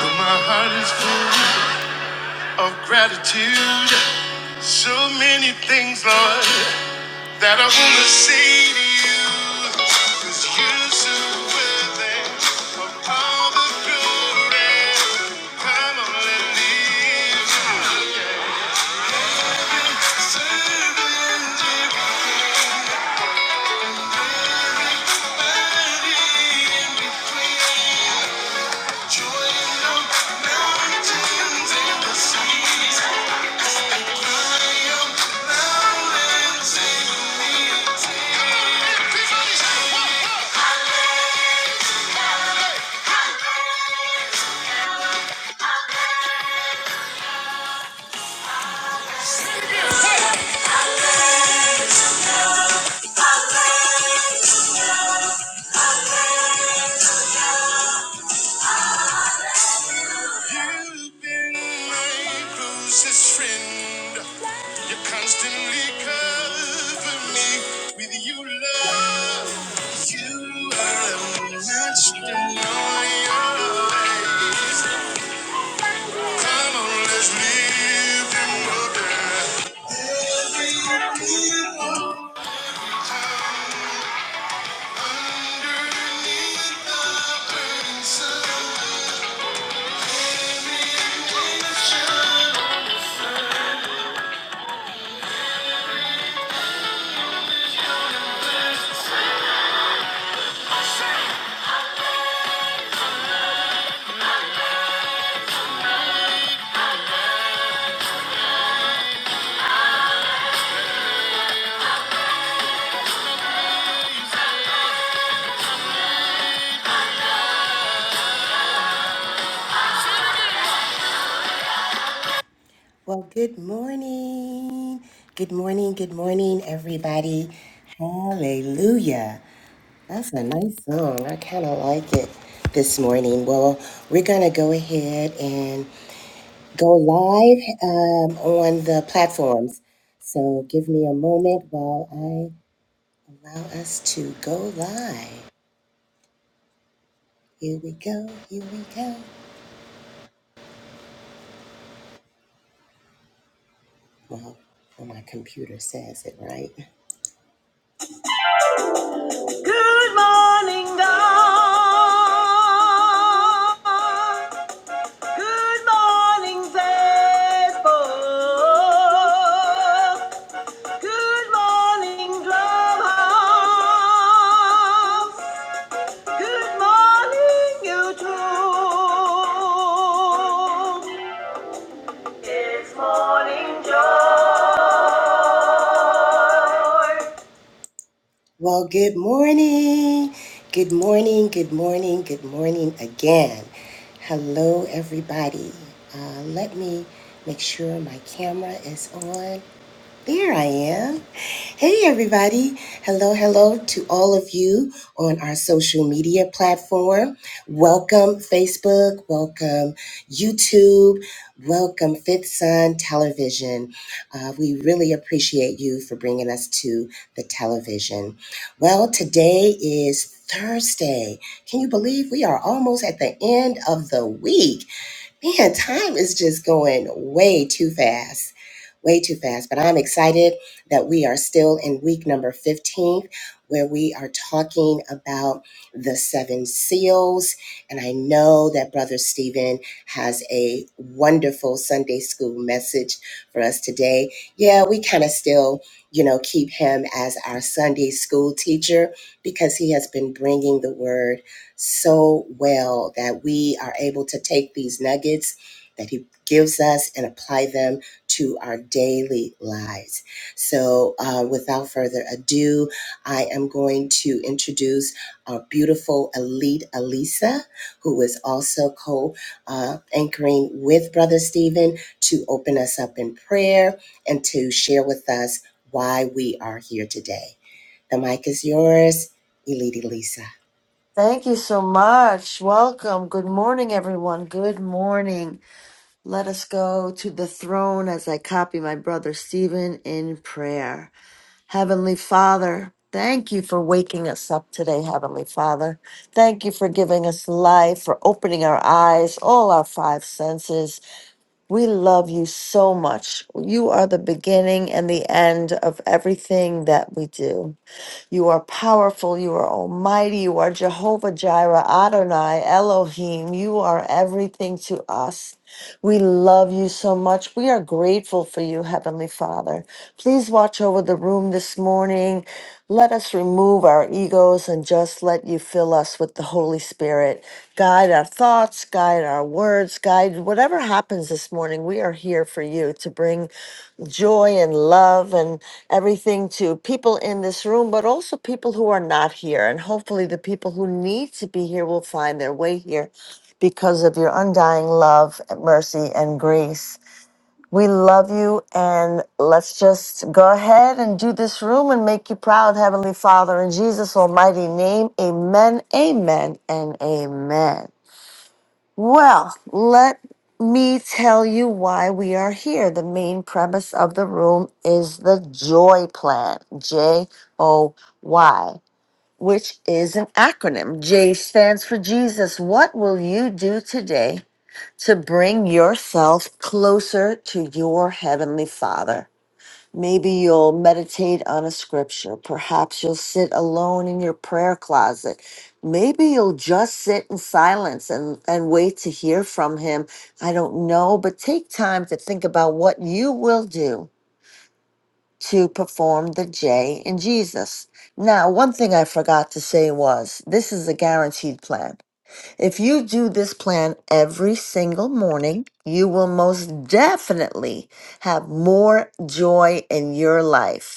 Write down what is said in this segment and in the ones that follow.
But my heart is full of gratitude. So many things, Lord, that I want to say to youbecause you 'Cause you're so worthy of all the glory. Come on and live. You've been my closest friend. You constantly cover me with your love. You are unmatched in Come on, let's live and wonder. Underneath Well, good morning. Good morning. Good morning, everybody. Hallelujah. That's a nice song. I kind of like it this morning. Well, we're going to go ahead and go live um, on the platforms. So give me a moment while I allow us to go live. Here we go. Here we go. Well, well, my computer says it, right? Good morning, God. Good morning, faithful. Good morning, Clubhouse. Good morning, YouTube. It's morning joy. Well, good morning. Good morning, good morning, good morning again. Hello, everybody. Uh, let me make sure my camera is on. There I am. Hey, everybody. Hello, hello to all of you on our social media platform. Welcome, Facebook. Welcome, YouTube. Welcome, Fifth Sun Television. Uh, we really appreciate you for bringing us to the television. Well, today is Thursday. Can you believe we are almost at the end of the week? Man, time is just going way too fast way too fast, but I'm excited that we are still in week number 15, where we are talking about the seven seals. And I know that Brother Stephen has a wonderful Sunday school message for us today. Yeah, we kind of still, you know, keep him as our Sunday school teacher because he has been bringing the word so well that we are able to take these nuggets that he gives us and apply them to our daily lives. So, uh, without further ado, I am going to introduce our beautiful elite Alisa, who is also co uh, anchoring with Brother Stephen to open us up in prayer and to share with us why we are here today. The mic is yours, Elite Alisa. Thank you so much. Welcome. Good morning, everyone. Good morning. Let us go to the throne as I copy my brother Stephen in prayer. Heavenly Father, thank you for waking us up today, Heavenly Father. Thank you for giving us life, for opening our eyes, all our five senses. We love you so much. You are the beginning and the end of everything that we do. You are powerful. You are almighty. You are Jehovah Jireh, Adonai, Elohim. You are everything to us. We love you so much. We are grateful for you, Heavenly Father. Please watch over the room this morning. Let us remove our egos and just let you fill us with the Holy Spirit. Guide our thoughts, guide our words, guide whatever happens this morning. We are here for you to bring joy and love and everything to people in this room, but also people who are not here. And hopefully, the people who need to be here will find their way here because of your undying love, mercy, and grace. We love you, and let's just go ahead and do this room and make you proud, Heavenly Father, in Jesus' almighty name. Amen, amen, and amen. Well, let me tell you why we are here. The main premise of the room is the JOY plan, J O Y, which is an acronym. J stands for Jesus. What will you do today to bring yourself closer to your Heavenly Father? Maybe you'll meditate on a scripture. Perhaps you'll sit alone in your prayer closet. Maybe you'll just sit in silence and, and wait to hear from him. I don't know, but take time to think about what you will do to perform the J in Jesus. Now, one thing I forgot to say was this is a guaranteed plan. If you do this plan every single morning, you will most definitely have more joy in your life.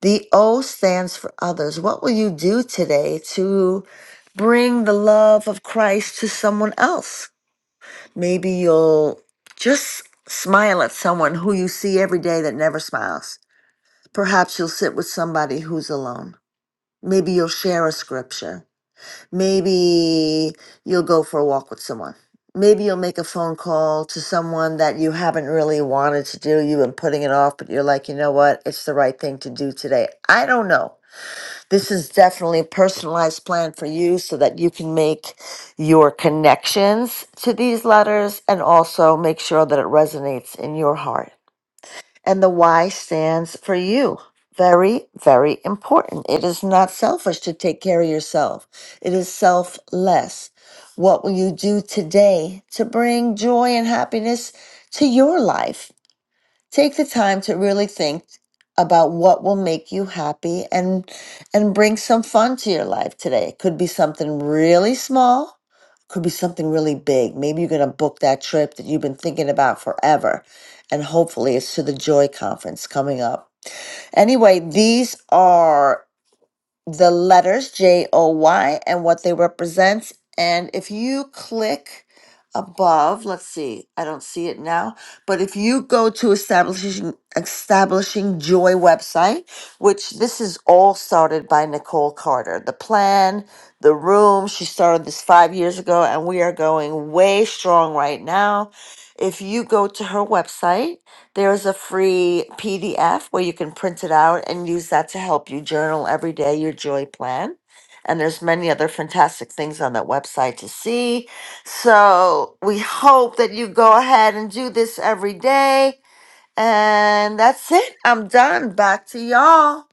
The O stands for others. What will you do today to bring the love of Christ to someone else? Maybe you'll just smile at someone who you see every day that never smiles. Perhaps you'll sit with somebody who's alone. Maybe you'll share a scripture. Maybe you'll go for a walk with someone. Maybe you'll make a phone call to someone that you haven't really wanted to do. You've been putting it off, but you're like, you know what? It's the right thing to do today. I don't know. This is definitely a personalized plan for you so that you can make your connections to these letters and also make sure that it resonates in your heart. And the Y stands for you. Very, very important. It is not selfish to take care of yourself, it is selfless. What will you do today to bring joy and happiness to your life? take the time to really think about what will make you happy and and bring some fun to your life today. It could be something really small, could be something really big. Maybe you're going to book that trip that you've been thinking about forever. And hopefully it's to the Joy Conference coming up. Anyway, these are the letters J O Y and what they represent. And if you click above, let's see, I don't see it now, but if you go to establishing establishing joy website, which this is all started by Nicole Carter, the plan, the room, she started this 5 years ago and we are going way strong right now. If you go to her website, there's a free PDF where you can print it out and use that to help you journal every day your joy plan. And there's many other fantastic things on that website to see. So we hope that you go ahead and do this every day. And that's it. I'm done. Back to y'all.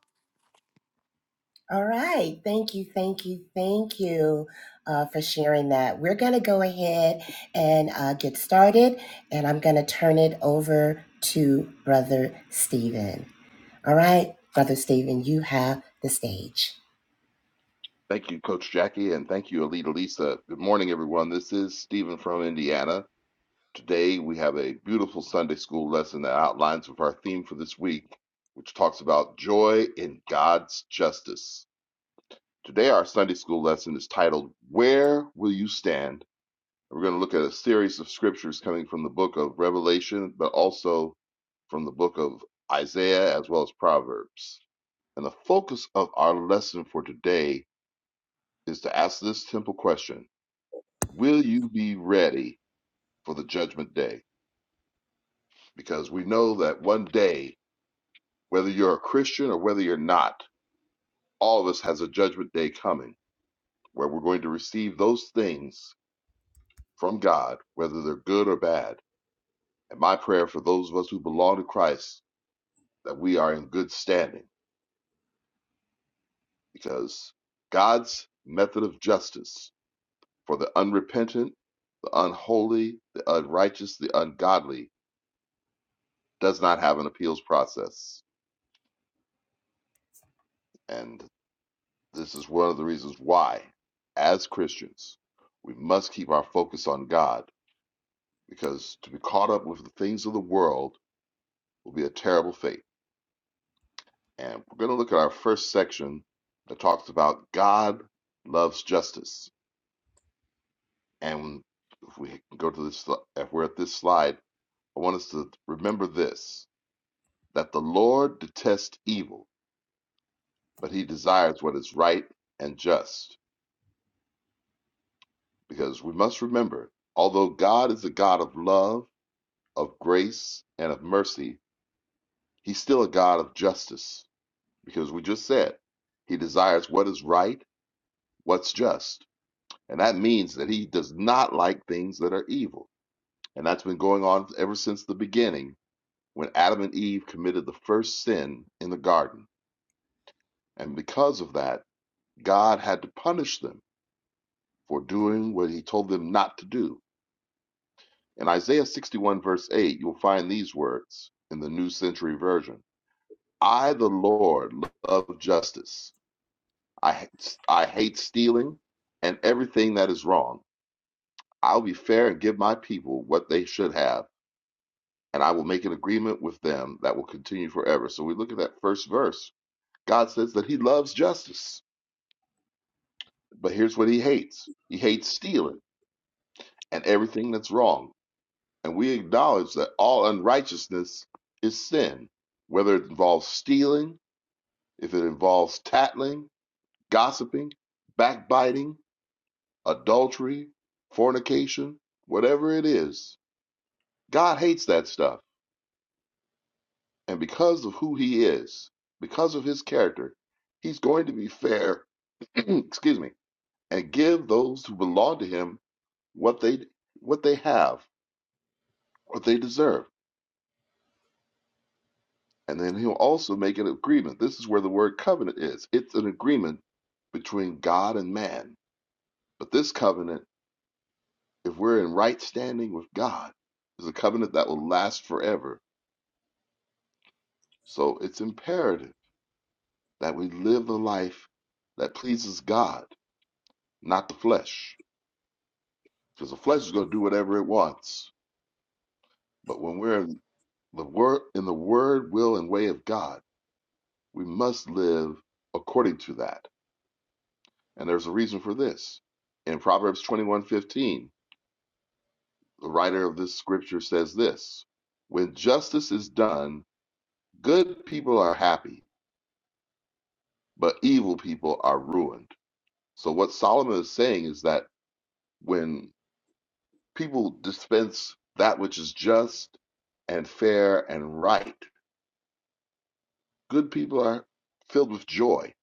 All right. Thank you. Thank you. Thank you uh, for sharing that. We're going to go ahead and uh, get started, and I'm going to turn it over to Brother Stephen. All right, Brother Stephen, you have the stage. Thank you, Coach Jackie, and thank you, Alita Lisa. Good morning, everyone. This is Stephen from Indiana. Today, we have a beautiful Sunday school lesson that outlines with our theme for this week, which talks about joy in God's justice. Today, our Sunday school lesson is titled, Where Will You Stand? We're going to look at a series of scriptures coming from the book of Revelation, but also from the book of Isaiah as well as Proverbs. And the focus of our lesson for today is to ask this simple question Will you be ready for the judgment day? Because we know that one day, whether you're a Christian or whether you're not, all of us has a judgment day coming where we're going to receive those things from God, whether they're good or bad. And my prayer for those of us who belong to Christ that we are in good standing because God's method of justice for the unrepentant, the unholy, the unrighteous, the ungodly does not have an appeals process. And This is one of the reasons why, as Christians, we must keep our focus on God because to be caught up with the things of the world will be a terrible fate. And we're going to look at our first section that talks about God loves justice. And if we go to this, if we're at this slide, I want us to remember this that the Lord detests evil, but he desires what is right and just. Because we must remember, although God is a God of love, of grace and of mercy, he's still a God of justice because we just said he desires what is right, what's just. And that means that he does not like things that are evil. And that's been going on ever since the beginning when Adam and Eve committed the first sin in the garden. And because of that, God had to punish them for doing what he told them not to do. In Isaiah 61, verse 8, you'll find these words in the New Century Version. I, the Lord, love justice. I, I hate stealing and everything that is wrong. I'll be fair and give my people what they should have, and I will make an agreement with them that will continue forever. So we look at that first verse. God says that He loves justice, but here's what He hates He hates stealing and everything that's wrong. And we acknowledge that all unrighteousness is sin, whether it involves stealing, if it involves tattling, gossiping, backbiting adultery, fornication, whatever it is. God hates that stuff. And because of who he is, because of his character, he's going to be fair, excuse me, and give those who belong to him what they what they have, what they deserve. And then he'll also make an agreement. This is where the word covenant is. It's an agreement between God and man. But this covenant, if we're in right standing with God, is a covenant that will last forever So it's imperative that we live the life that pleases God, not the flesh, because the flesh is going to do whatever it wants. But when we're in the word, in the word, will, and way of God, we must live according to that. And there's a reason for this. In Proverbs 21:15, the writer of this scripture says this: When justice is done, good people are happy, but evil people are ruined. So what Solomon is saying is that when People dispense that which is just and fair and right. Good people are filled with joy,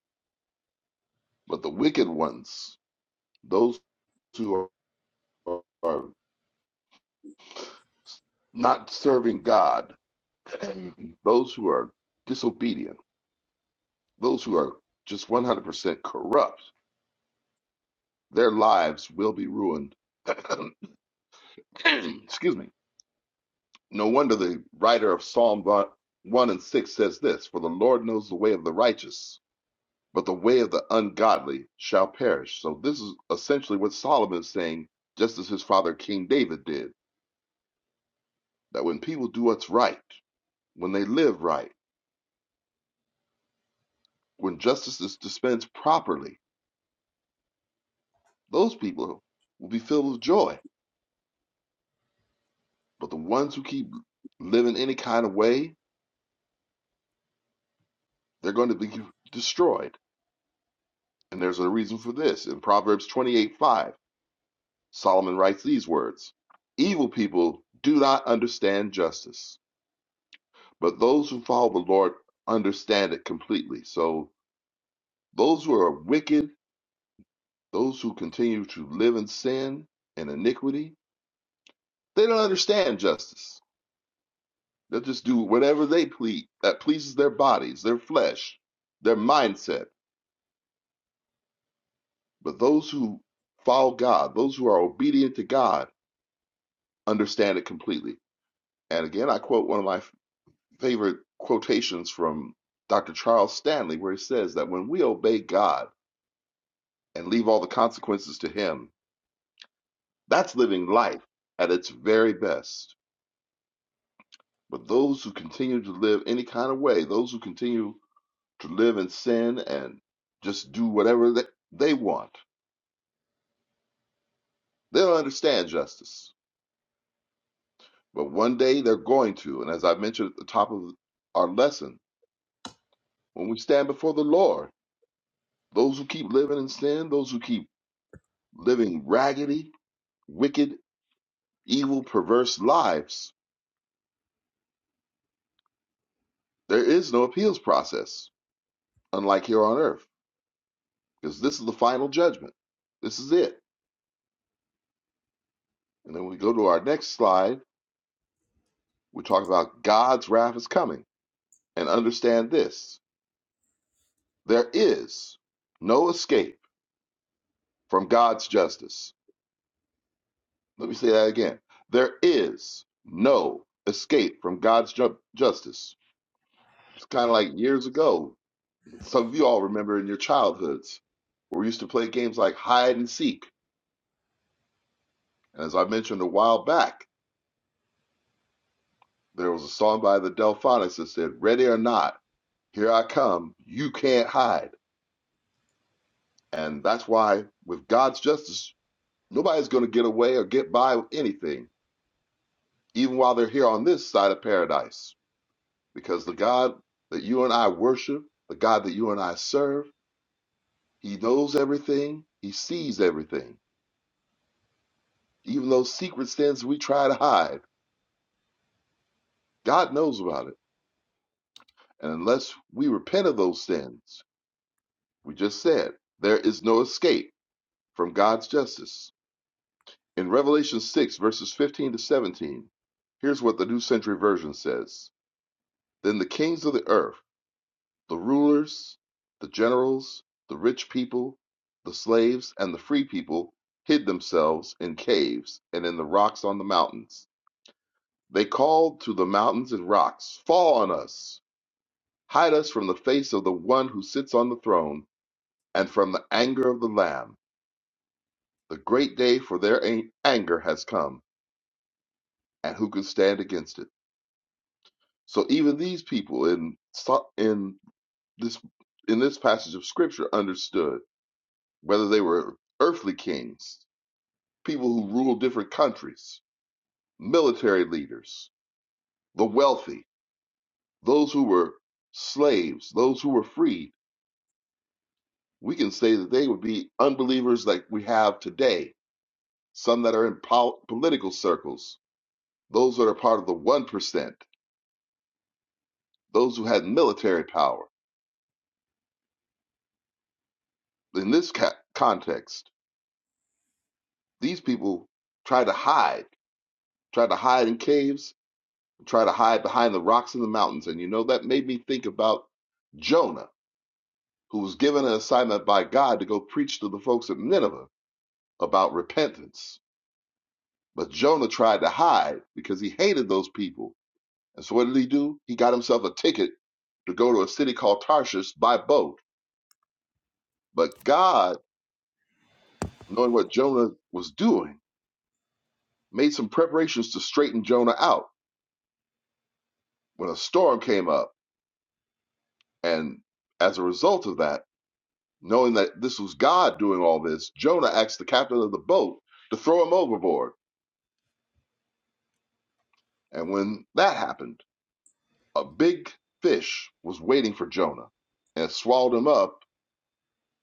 but the wicked ones, those who are, are not serving God, those who are disobedient, those who are just 100% corrupt, their lives will be ruined. Excuse me. No wonder the writer of Psalm 1 and 6 says this For the Lord knows the way of the righteous, but the way of the ungodly shall perish. So this is essentially what Solomon is saying, just as his father King David did, that when people do what's right, when they live right, when justice is dispensed properly, those people will be filled with joy. But the ones who keep living any kind of way, they're going to be destroyed. And there's a reason for this. In Proverbs 28 5, Solomon writes these words Evil people do not understand justice But those who follow the Lord understand it completely. So those who are wicked, those who continue to live in sin and iniquity, they don't understand justice. They'll just do whatever they please that pleases their bodies, their flesh, their mindset. But those who follow God, those who are obedient to God, understand it completely. And again, I quote one of my favorite quotations from Dr. Charles Stanley, where he says that when we obey God and leave all the consequences to Him, That's living life at its very best. But those who continue to live any kind of way, those who continue to live in sin and just do whatever they, they want, they don't understand justice. But one day they're going to. And as I mentioned at the top of our lesson, when we stand before the Lord, those who keep living in sin, those who keep living raggedy, wicked, evil, perverse lives, there is no appeals process, unlike here on earth because this is the final judgment. This is it. And then we go to our next slide. We talk about God's wrath is coming. And understand this there is no escape from God's justice. Let me say that again. There is no escape from God's ju- justice. It's kind of like years ago. Some of you all remember in your childhoods where we used to play games like hide and seek. And as I mentioned a while back, there was a song by the Delphonics that said, Ready or Not. Here I come. You can't hide. And that's why, with God's justice, nobody's going to get away or get by with anything, even while they're here on this side of paradise. Because the God that you and I worship, the God that you and I serve, He knows everything, He sees everything. Even those secret sins we try to hide, God knows about it. And unless we repent of those sins, we just said, there is no escape from God's justice. In Revelation 6, verses 15 to 17, here's what the New Century Version says Then the kings of the earth, the rulers, the generals, the rich people, the slaves, and the free people hid themselves in caves and in the rocks on the mountains. They called to the mountains and rocks, Fall on us! Hide us from the face of the one who sits on the throne and from the anger of the Lamb. The great day for their an- anger has come, and who can stand against it? So even these people in so- in this in this passage of scripture understood whether they were earthly kings, people who ruled different countries, military leaders, the wealthy, those who were slaves, those who were freed. We can say that they would be unbelievers like we have today, some that are in pol- political circles, those that are part of the 1%, those who had military power. In this ca- context, these people try to hide try to hide in caves, try to hide behind the rocks in the mountains. And you know, that made me think about Jonah, who was given an assignment by God to go preach to the folks at Nineveh about repentance. But Jonah tried to hide because he hated those people. And so what did he do? He got himself a ticket to go to a city called Tarshish by boat. But God, knowing what Jonah was doing, made some preparations to straighten Jonah out when a storm came up. And as a result of that, Knowing that this was God doing all this, Jonah asked the captain of the boat to throw him overboard. And when that happened, a big fish was waiting for Jonah and it swallowed him up,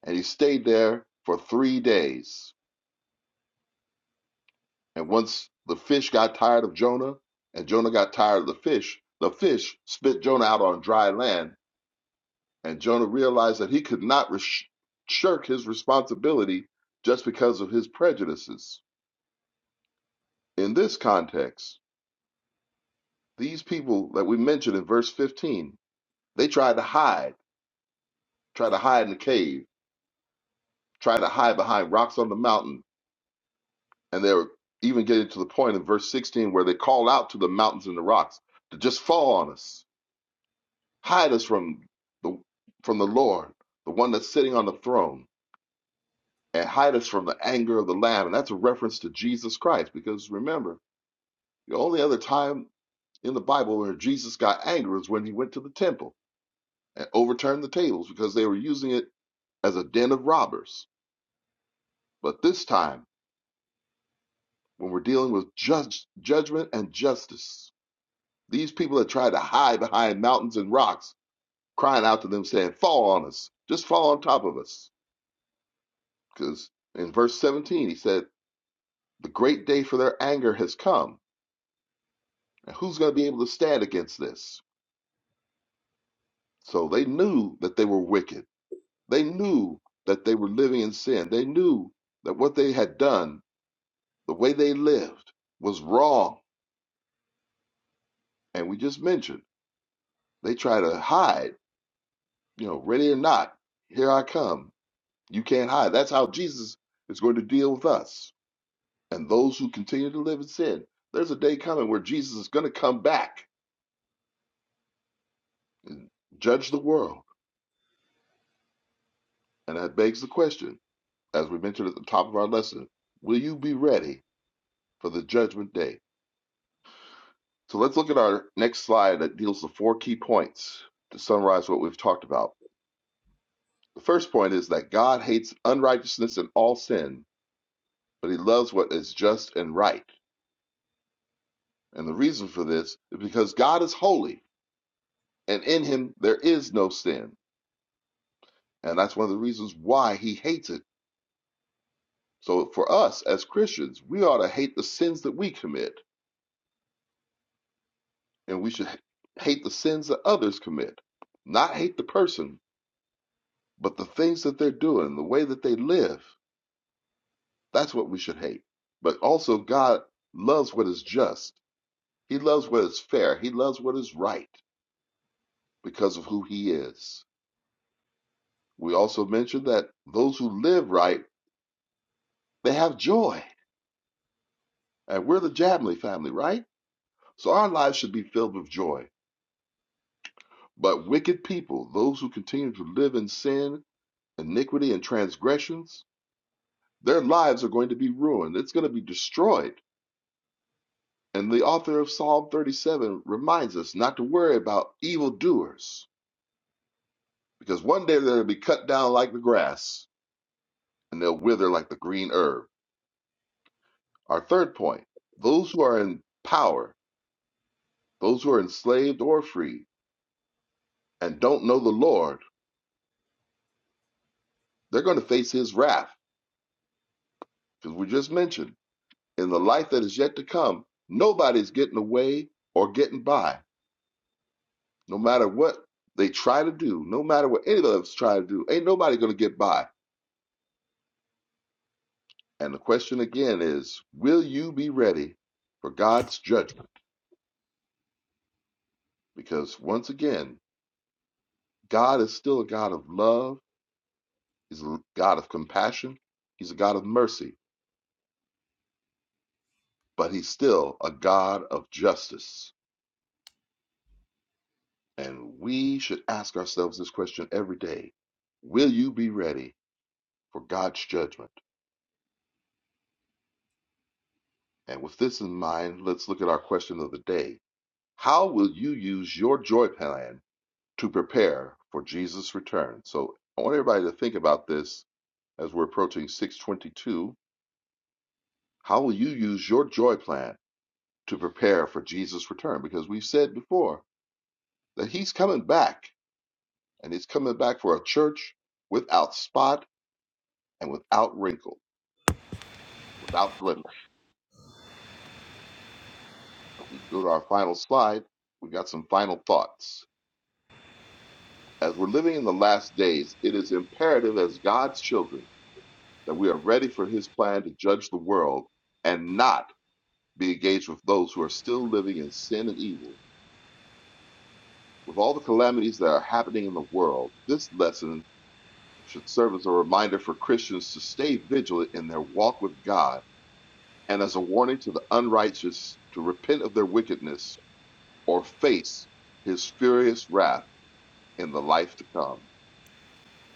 and he stayed there for three days. And once the fish got tired of Jonah, and Jonah got tired of the fish, the fish spit Jonah out on dry land, and Jonah realized that he could not resh shirk his responsibility just because of his prejudices. In this context, These people that we mentioned in verse 15, they tried to hide, tried to hide in the cave, tried to hide behind rocks on the mountain. And they were even getting to the point in verse 16 where they called out to the mountains and the rocks to just fall on us, hide us from the, from the Lord, the one that's sitting on the throne, and hide us from the anger of the Lamb. And that's a reference to Jesus Christ, because remember, the only other time in the Bible where Jesus got angry was when he went to the temple and overturned the tables because they were using it as a den of robbers. But this time, when we're dealing with judge, judgment and justice, these people that try to hide behind mountains and rocks, crying out to them, saying, Fall on us, just fall on top of us. Because in verse 17, he said, The great day for their anger has come. And who's going to be able to stand against this? So they knew that they were wicked. They knew that they were living in sin. They knew that what they had done, the way they lived, was wrong. And we just mentioned, They try to hide, you know, ready or not, here I come. You can't hide. That's how Jesus is going to deal with us and those who continue to live in sin. There's a day coming where Jesus is going to come back and judge the world. And that begs the question, as we mentioned at the top of our lesson, will you be ready for the judgment day? So let's look at our next slide that deals with four key points to summarize what we've talked about. The first point is that God hates unrighteousness and all sin, but he loves what is just and right. And the reason for this is because God is holy, and in him there is no sin. And that's one of the reasons why he hates it. So for us as Christians, we ought to hate the sins that we commit, and we should hate the sins that others commit. Not hate the person, but the things that they're doing, the way that they live. That's what we should hate. But also, God loves what is just. He loves what is fair. He loves what is right because of who he is. We also mentioned that those who live right They have joy. And we're the Jamley family, right? So our lives should be filled with joy. But wicked people, those who continue to live in sin, iniquity, and transgressions, their lives are going to be ruined. It's going to be destroyed. And the author of Psalm 37 reminds us not to worry about evildoers, because one day they'll be cut down like the grass and they'll wither like the green herb. Our third point those who are in power, those who are enslaved or free, and don't know the Lord They're going to face his wrath because we just mentioned in the life that is yet to come, nobody's getting away or getting by. No matter what they try to do, no matter what any of us try to do, ain't nobody going to get by. And the question again is, will you be ready for God's judgment? Because once again, God is still a God of love. He's a God of compassion. He's a God of mercy, but he's still a God of justice. And we should ask ourselves this question every day Will you be ready for God's judgment? And with this in mind, let's look at our question of the day How will you use your joy plan to prepare for Jesus' return? So I want everybody to think about this as we're approaching 622. How will you use your joy plan to prepare for Jesus' return? Because we've said before that He's coming back, and He's coming back for a church without spot and without wrinkle, without blemish. we go to our final slide, we got some final thoughts. As we're living in the last days, it is imperative as God's children that we are ready for his plan to judge the world and not be engaged with those who are still living in sin and evil. With all the calamities that are happening in the world, this lesson should serve as a reminder for Christians to stay vigilant in their walk with God and as a warning to the unrighteous to repent of their wickedness or face his furious wrath in the life to come.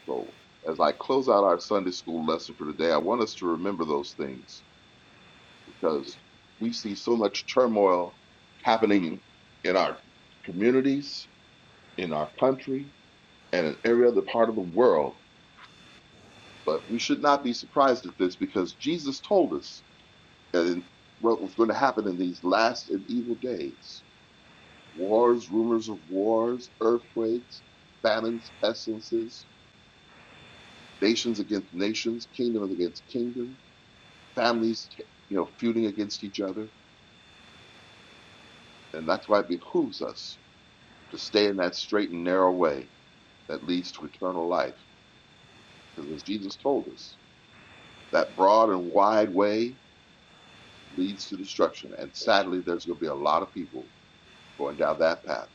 So, as I close out our Sunday school lesson for today, I want us to remember those things because we see so much turmoil happening in our communities, in our country, and in every other part of the world. But we should not be surprised at this because Jesus told us and what was going to happen in these last and evil days wars, rumors of wars, earthquakes, famines, pestilences, nations against nations, kingdoms against kingdom families, you know, feuding against each other. And that's why it behooves us to stay in that straight and narrow way that leads to eternal life. Because as Jesus told us, that broad and wide way leads to destruction. And sadly, there's going to be a lot of people going down that path.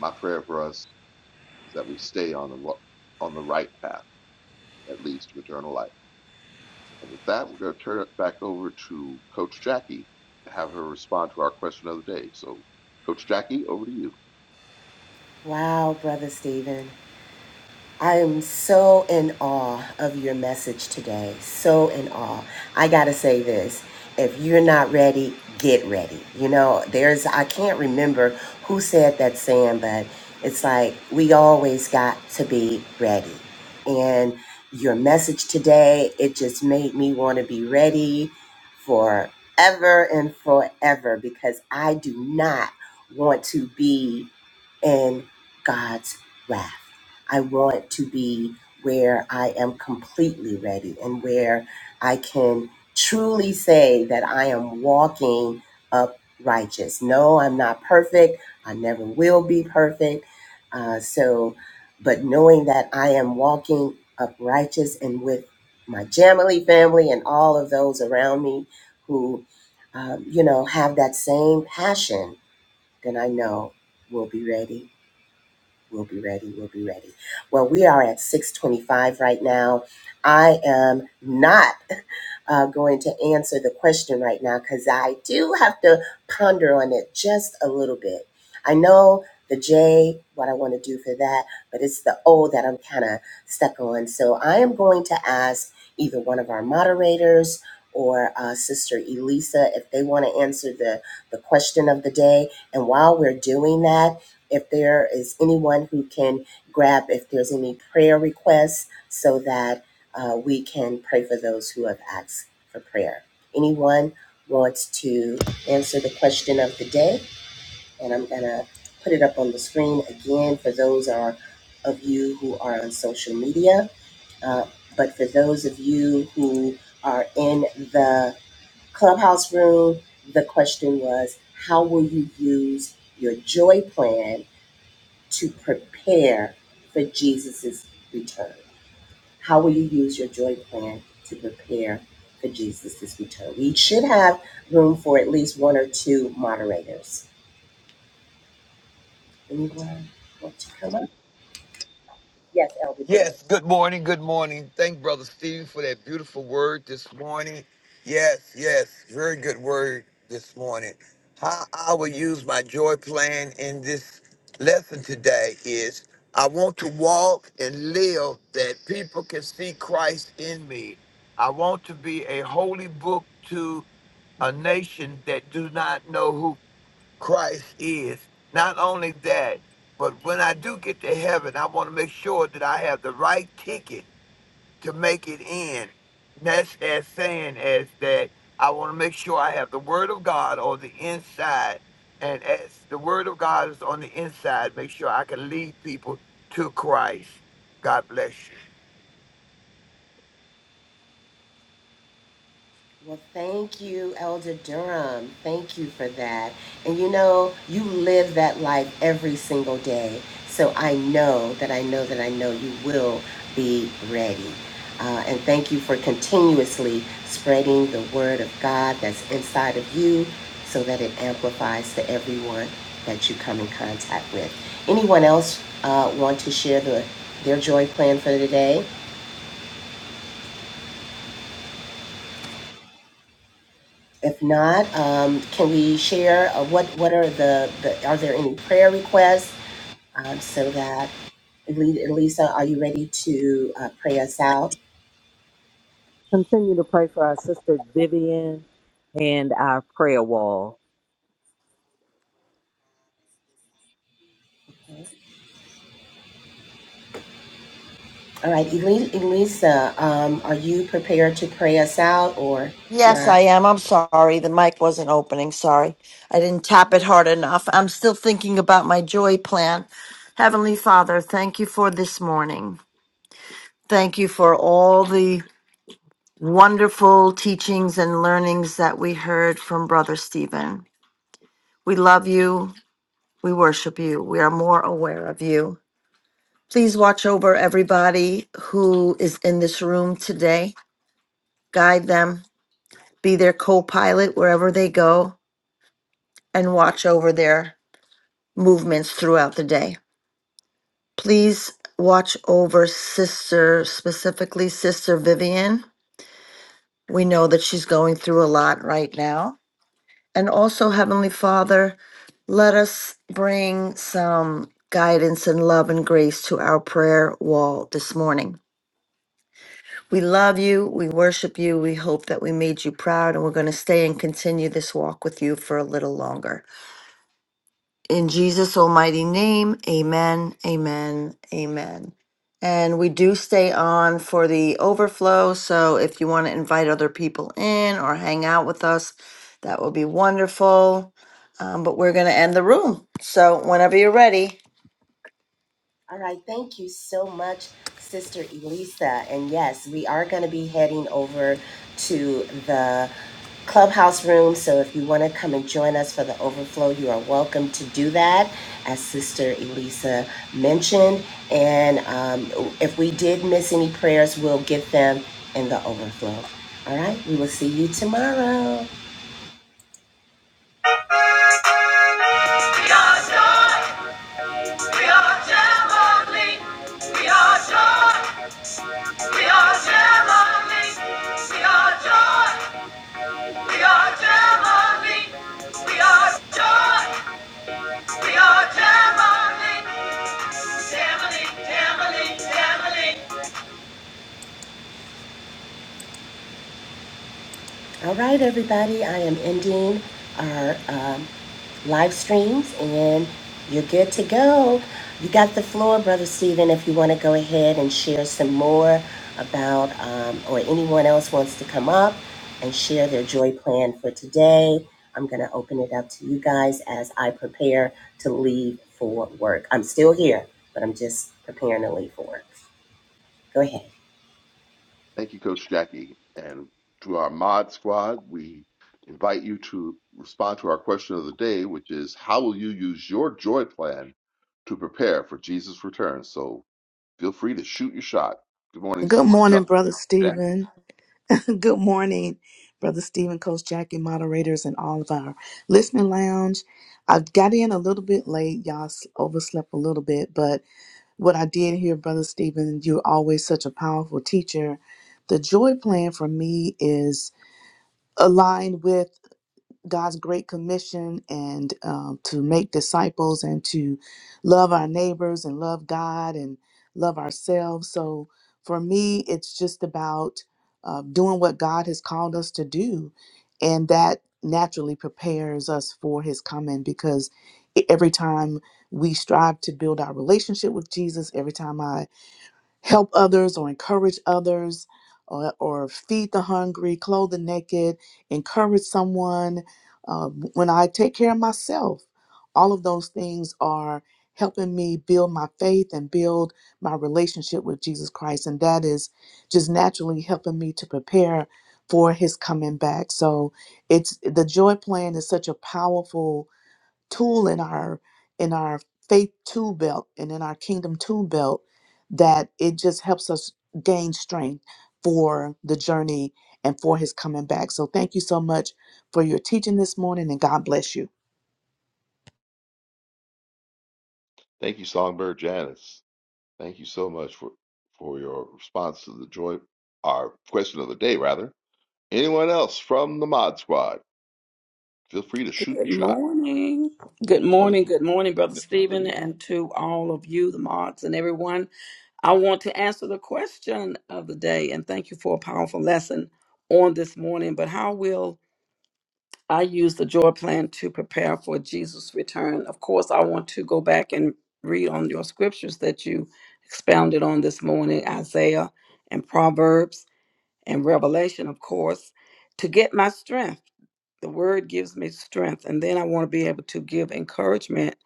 My prayer for us is that we stay on the on the right path that leads to eternal life. And with that, we're going to turn it back over to Coach Jackie to have her respond to our question of the day. So, Coach Jackie, over to you. Wow, Brother Stephen. I am so in awe of your message today. So in awe. I got to say this. If you're not ready, get ready. You know, there's, I can't remember who said that saying, but it's like we always got to be ready. And your message today, it just made me want to be ready forever and forever because I do not want to be in God's wrath. I want to be where I am completely ready and where I can truly say that I am walking up righteous. No, I'm not perfect. I never will be perfect. Uh, so, but knowing that I am walking up righteous and with my Jamily family and all of those around me who, um, you know, have that same passion, then I know we'll be ready We'll be ready. We'll be ready. Well, we are at 625 right now. I am not uh, going to answer the question right now because I do have to ponder on it just a little bit. I know the J, what I want to do for that, but it's the O that I'm kind of stuck on. So I am going to ask either one of our moderators or uh, Sister Elisa if they want to answer the, the question of the day. And while we're doing that, if there is anyone who can grab if there's any prayer requests so that uh, we can pray for those who have asked for prayer. Anyone wants to answer the question of the day? And I'm going to put it up on the screen again for those are, of you who are on social media. Uh, but for those of you who are in the clubhouse room, the question was how will you use your joy plan to prepare for Jesus' return? How will you use your joy plan to prepare for Jesus' return? We should have room for at least one or two moderators. Anyone want to come up? Yes, Elder Durham. Yes, good morning, good morning. Thank Brother Steve for that beautiful word this morning. Yes, yes, very good word this morning. How I will use my joy plan in this lesson today is I want to walk and live that people can see Christ in me. I want to be a holy book to a nation that do not know who Christ is. Not only that, but when I do get to heaven, I want to make sure that I have the right ticket to make it in. That's as saying as that I want to make sure I have the Word of God on the inside. And as the Word of God is on the inside, make sure I can lead people to Christ. God bless you. Well, thank you, Elder Durham. Thank you for that. And you know, you live that life every single day. So I know that I know that I know you will be ready. Uh, and thank you for continuously spreading the word of God that's inside of you so that it amplifies to everyone that you come in contact with. Anyone else uh, want to share the, their joy plan for the day? If not, um, can we share uh, what what are the, the are there any prayer requests um, so that Elisa, are you ready to uh, pray us out? Continue to pray for our sister Vivian and our prayer wall. All right, Eli- Elisa, um, are you prepared to pray us out or Yes, not? I am. I'm sorry. The mic wasn't opening. Sorry. I didn't tap it hard enough. I'm still thinking about my joy plan. Heavenly Father, thank you for this morning. Thank you for all the wonderful teachings and learnings that we heard from Brother Stephen. We love you. We worship you. We are more aware of you. Please watch over everybody who is in this room today. Guide them, be their co pilot wherever they go, and watch over their movements throughout the day. Please watch over Sister, specifically Sister Vivian. We know that she's going through a lot right now And also, Heavenly Father, let us bring some guidance and love and grace to our prayer wall this morning. We love you. We worship you. We hope that we made you proud, and we're going to stay and continue this walk with you for a little longer. In Jesus' almighty name, amen, amen, amen. And we do stay on for the overflow. So if you want to invite other people in or hang out with us, that will be wonderful. Um, but we're going to end the room. So whenever you're ready. All right, thank you so much, Sister Elisa. And yes, we are going to be heading over to the clubhouse room. So if you want to come and join us for the overflow, you are welcome to do that, as Sister Elisa mentioned. And um, if we did miss any prayers, we'll get them in the overflow. All right, we will see you tomorrow. We are joy. We are family. We are joy. We are Gemini. We are joy. We are Gemini. We are joy. We are Gemini. Gemini, Gemini, Gemini. All right, everybody. I am ending our um, live streams, and you're good to go. You got the floor, Brother Stephen, if you want to go ahead and share some more about, um, or anyone else wants to come up and share their joy plan for today. I'm going to open it up to you guys as I prepare to leave for work. I'm still here, but I'm just preparing to leave for work. Go ahead. Thank you, Coach Jackie. And to our mod squad, we invite you to respond to our question of the day, which is how will you use your joy plan to prepare for Jesus' return? So feel free to shoot your shot. Good morning, Good Sister morning, John. Brother Yeah. Stephen. Good morning, Brother Stephen, Coach Jackie, moderators, and all of our listening lounge. I got in a little bit late. Y'all s- overslept a little bit, but what I did hear, Brother Stephen, you're always such a powerful teacher. The joy plan for me is aligned with. God's great commission and um, to make disciples and to love our neighbors and love God and love ourselves. So for me, it's just about uh, doing what God has called us to do. And that naturally prepares us for his coming because e- every time we strive to build our relationship with Jesus, every time I help others or encourage others or, or feed the hungry, clothe the naked, encourage someone. Uh, when I take care of myself, all of those things are helping me build my faith and build my relationship with Jesus Christ. And that is just naturally helping me to prepare for his coming back. So it's the joy plan is such a powerful tool in our in our faith tool belt and in our kingdom tool belt that it just helps us gain strength for the journey and for his coming back. So thank you so much for your teaching this morning and God bless you. Thank you, Songbird Janice. Thank you so much for, for your response to the joy, our question of the day, rather. Anyone else from the mod squad? Feel free to shoot Good your shot. morning. Good Morning, morning. Good morning, Brother Sister Stephen, Eileen. and to all of you, the mods, and everyone. I want to answer the question of the day, and thank you for a powerful lesson on this morning. But how will I use the joy plan to prepare for Jesus' return? Of course, I want to go back and read on your scriptures that you expounded on this morning Isaiah and Proverbs and revelation, of course, to get my strength. The word gives me strength. And then I want to be able to give encouragement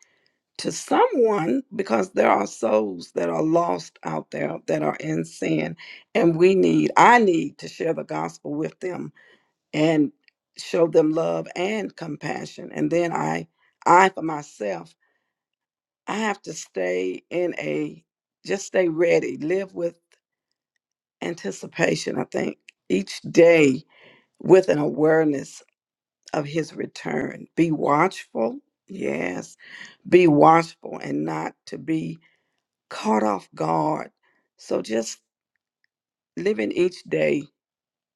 to someone because there are souls that are lost out there that are in sin. And we need, I need to share the gospel with them and show them love and compassion. And then I, I for myself, I have to stay in a, just stay ready, live with anticipation, I think. Each day with an awareness of his return. Be watchful. Yes. Be watchful and not to be caught off guard. So just living each day,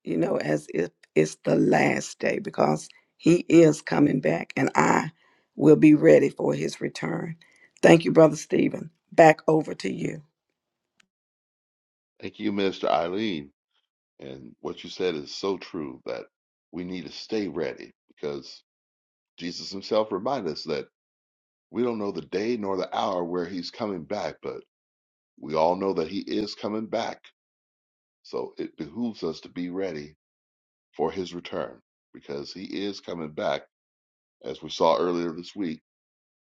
you know, as if it's the last day because he is coming back and I will be ready for his return. Thank you, Brother Stephen. Back over to you. Thank you, Mr. Eileen. And what you said is so true that we need to stay ready because Jesus himself reminded us that we don't know the day nor the hour where he's coming back, but we all know that he is coming back. So it behooves us to be ready for his return because he is coming back, as we saw earlier this week,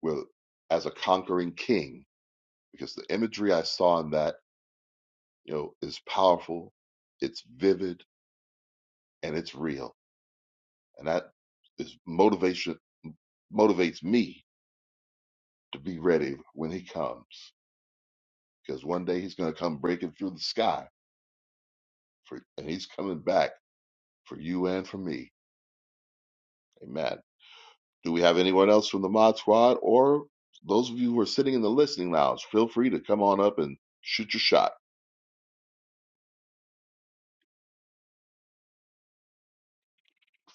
with, as a conquering king. Because the imagery I saw in that, you know, is powerful, it's vivid, and it's real. And that is motivation motivates me to be ready when he comes because one day he's going to come breaking through the sky for, and he's coming back for you and for me amen do we have anyone else from the mod squad or those of you who are sitting in the listening lounge feel free to come on up and shoot your shot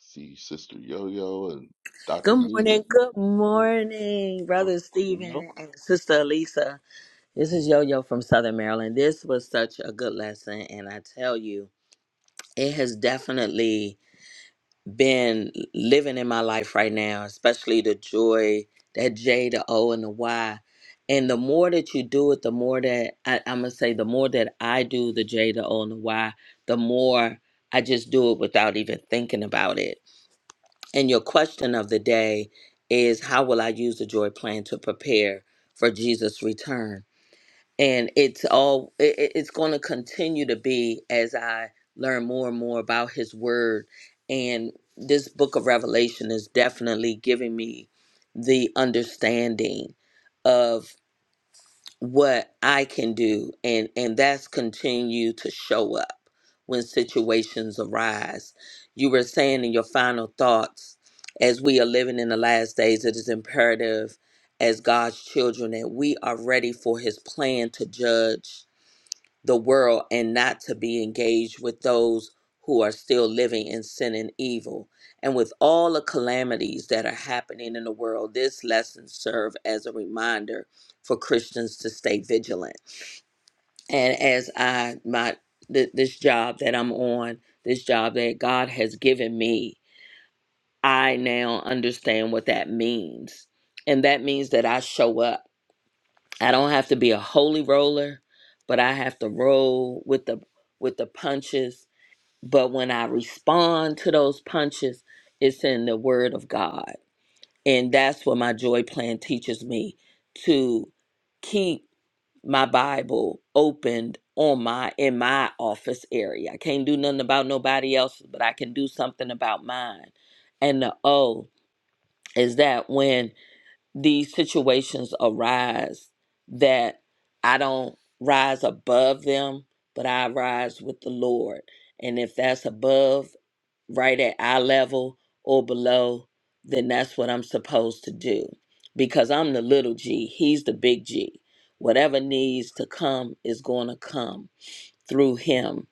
see sister yo-yo and dr Good neva morning. Good morning, Brother Stephen and Sister Elisa. This is Yo Yo from Southern Maryland. This was such a good lesson, and I tell you, it has definitely. been living in my life right now, especially the joy, that J, the O, and the Y. And the more that you do it, the more that I, I'm going to say, the more that I do the J, the O, and the Y, the more I just do it without even thinking about it. And your question of the day is how will I use the joy plan to prepare for Jesus' return? and it's all it, it- it's going to continue to be as i learn more and more about his word and this book of revelation is definitely giving me the understanding what I can do and and that's continue to show up when situations arise. You were saying in your final thoughts as we are living in the last days it is imperative as God's children that we are ready for his plan to judge the world and not to be engaged with those who are still living in sin and evil. And with all the calamities that are happening in the world, this lesson serve as a reminder for Christians to stay vigilant. And as I my th- this job that I'm on, this job that God has given me, I now understand what that means. And that means that I show up I don't have to be a holy roller, but I have to roll with the with the punches. But when I respond to those punches, it's in the word of God. And that's what my joy plan teaches me to keep my Bible opened on my in my office area. I can't do nothing about nobody else's, but I can do something about mine. And the O is that when these situations arise that I don't rise above them, but I rise with the Lord. And if that's above, right at eye level or below, then that's what I'm supposed to do. Because I'm the little g, he's the big G. Whatever needs to come is going to come through him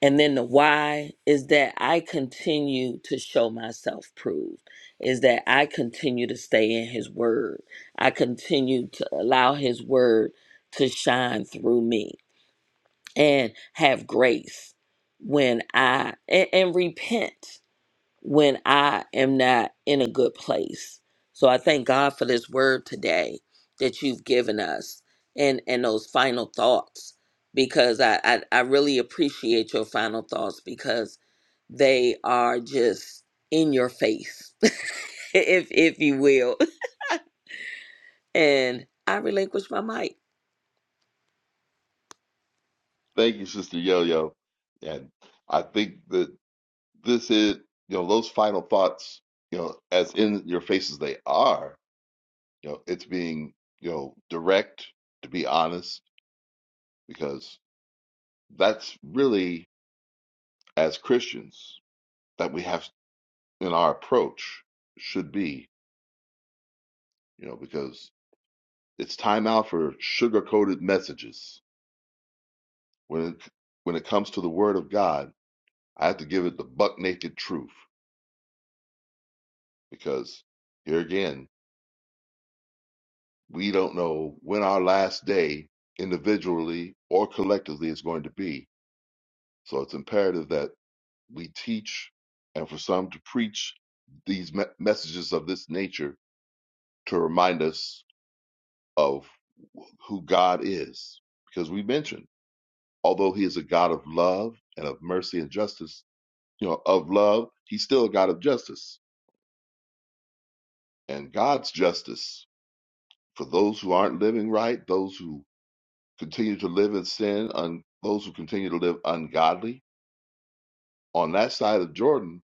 and then the why is that I continue to show myself proved, is that I continue to stay in His Word. I continue to allow His Word to shine through me and have grace when I, and, and repent when I am not in a good place. So I thank God for this word today that you've given us and and those final thoughts because I I, I really appreciate your final thoughts because they are just in your face, if if you will. And I relinquish my mic. thank you sister yo-yo and i think that this is you know those final thoughts you know as in your faces they are You know, it's being, you know, direct, to be honest, because that's really as Christians that we have in our approach should be, you know, because it's time out for sugar-coated messages. When it, when it comes to the Word of God, I have to give it the buck naked truth because here again, we don't know when our last day individually or collectively is going to be. So it's imperative that we teach, and for some to preach these me- messages of this nature to remind us of who God is. Because we mentioned, although He is a God of love and of mercy and justice, you know, of love, He's still a God of justice. And God's justice for those who aren't living right, those who continue to live in sin, un- those who continue to live ungodly, on that side of Jordan,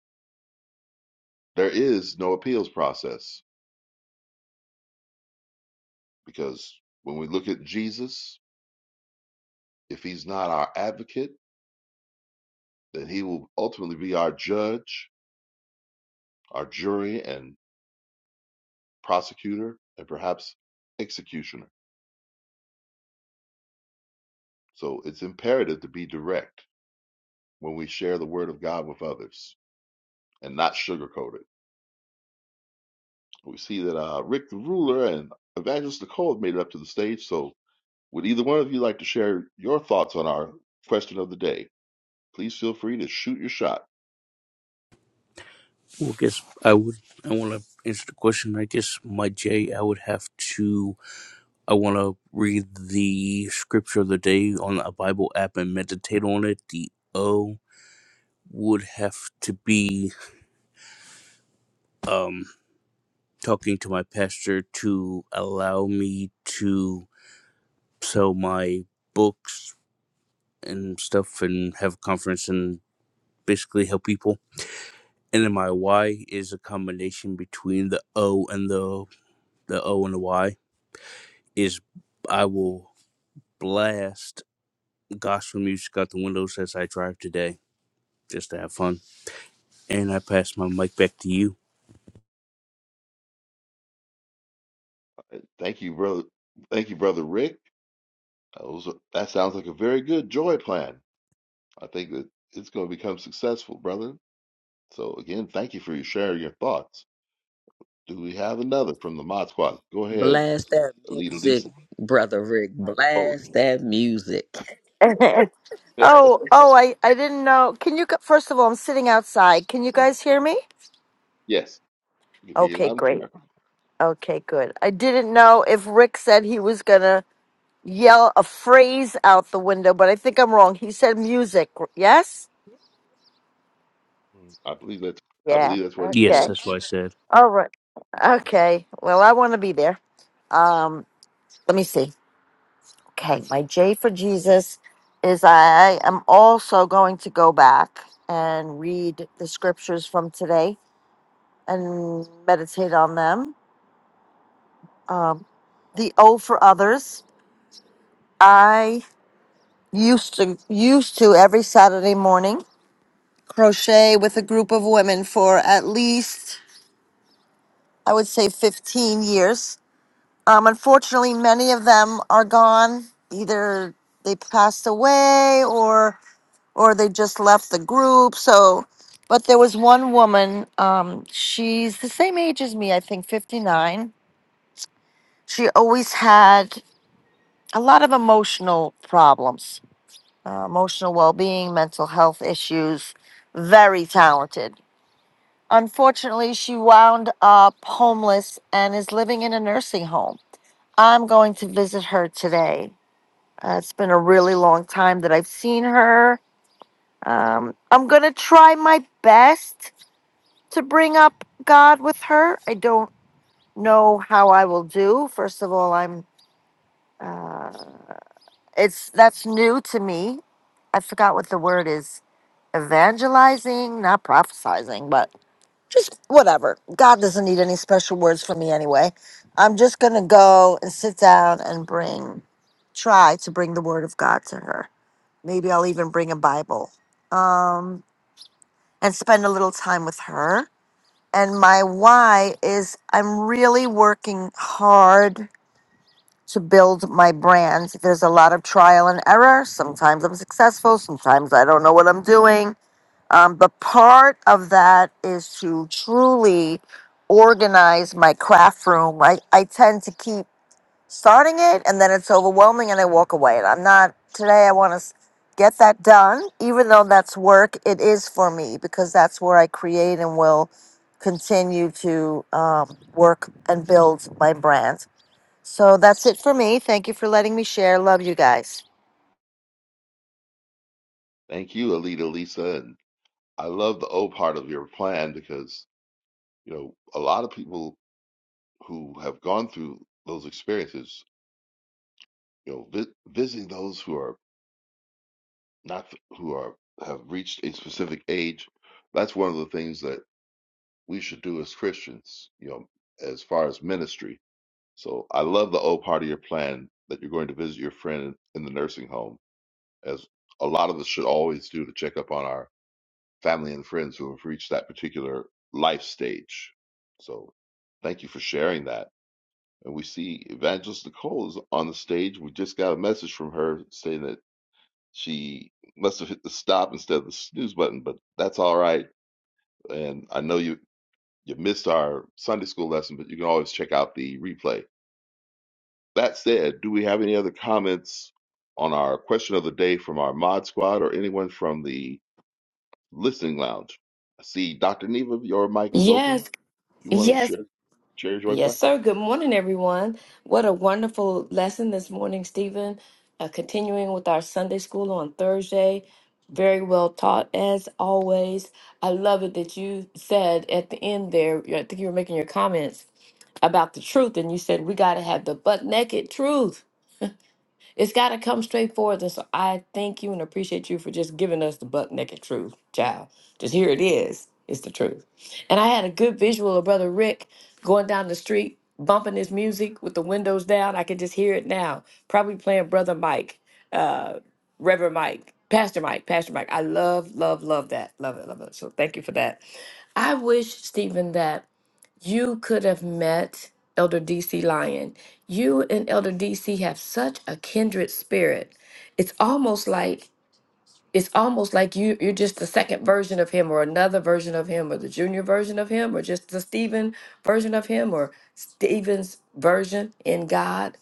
there is no appeals process. Because when we look at Jesus, If he's not our advocate, then he will ultimately be our judge, our jury, and prosecutor, and perhaps executioner. So it's imperative to be direct when we share the word of God with others and not sugarcoat it. We see that uh, Rick the Ruler and Evangelist Nicole have made it up to the stage. So would either one of you like to share your thoughts on our question of the day? Please feel free to shoot your shot. Well, I guess I would. I want to answer the question. I guess my J, I would have to. I want to read the scripture of the day on a Bible app and meditate on it. The O would have to be um, talking to my pastor to allow me to sell my books and stuff and have a conference and basically help people. And then my Y is a combination between the O and the the O and the Y is I will blast gospel music out the windows as I drive today just to have fun. And I pass my mic back to you. Thank you, brother. Thank you, brother Rick. That, was a- that sounds like a very good joy plan. I think that it's going to become successful, brother. So again, thank you for your sharing your thoughts. Do we have another from the Mod Squad? Go ahead, Blast that Alita music, Lisa. brother Rick. Oh, Blast that music. Oh, oh, I, I didn't know. Can you, gu- first of all, I'm sitting outside. Can you guys hear me? yes, you can hear Okay, loud and great. clear. Okay, good. I didn't know if Rick said he was going to yell a phrase out the window, but I think I'm wrong. He said music. Yes? Mm, I believe that's I Yeah. believe that's what he Yes, Okay. said. that's what Yeah. I said. All right. Okay. Well, I want to be there. Um, let me see. Okay. My J for Jesus is I am also going to go back and read the scriptures from today and meditate on them. Um, the O for others. I used to used to every Saturday morning crochet with a group of women for at least, I would say, 15 years. Um, unfortunately, many of them are gone. Either they passed away or or they just left the group. So, but there was one woman. Um, she's the same age as me, I think, 59. She always had a lot of emotional problems, uh, emotional well-being, mental health issues. Very talented Unfortunately, she wound up homeless and is living in a nursing home. I'm going to visit her today. Uh, it's been a really long time that I've seen her. Um, I'm going to try my best to bring up God with her. I don't know how I will do. First of all, I'm uh, it's that's new to me. I forgot what the word is. Evangelizing, not prophesizing, but. just whatever. God doesn't need any special words from me anyway. I'm just going to go and sit down and bring, try to bring the word of God to her. Maybe I'll even bring a Bible um, and spend a little time with her. And my why is I'm really working hard to build my brand. There's a lot of trial and error. Sometimes I'm successful, sometimes I don't know what I'm doing um, but part of that is to truly organize my craft room. I, I tend to keep starting it and then it's overwhelming and I walk away. And I'm not, today I want to get that done. Even though that's work, it is for me because that's where I create and will continue to um, work and build my brand. So that's it for me. Thank you for letting me share. Love you guys. Thank you, Alita Lisa, and I love the O part of your plan because you know a lot of people who have gone through those experiences, you know, vi- visiting those who are not who are have reached a specific age. That's one of the things that we should do as Christians, you know, as far as ministry. So I love the old part of your plan that you're going to visit your friend in the nursing home, as a lot of us should always do to check up on our family and friends who have reached that particular life stage. So thank you for sharing that. And we see Evangelist Nicole is on the stage. We just got a message from her saying that she must have hit the stop instead of the snooze button, but that's all right. And I know you you missed our Sunday school lesson, but you can always check out the replay. That said, do we have any other comments on our question of the day from our mod squad or anyone from the listening lounge? I see Dr. Neva, your mic is open. Yes, You want to yes, share, share your joy yes, plan? sir. Good morning, everyone. What a wonderful lesson this morning, Stephen. Uh, continuing with our Sunday school on Thursday. Very well taught, as always. I love it that you said at the end there, I think you were making your comments about the truth, and you said, We got to have the butt naked truth it's got to come straight forward. And so I thank you and appreciate you for just giving us the buck naked truth, child. Just here it is. It's the truth. And I had a good visual of Brother Rick going down the street, bumping his music with the windows down. I can just hear it now. Probably playing Brother Mike, uh, Reverend Mike, Pastor Mike, Pastor Mike. I love, love, love that. Love it, love it. So thank you for that. I wish, Stephen, that. You could have met Elder DC Lyon. You and Elder DC have such a kindred spirit. It's almost like it's almost like you you're just the second version of him or another version of him or the junior version of him or just the Stephen version of him or Stephen's version in God.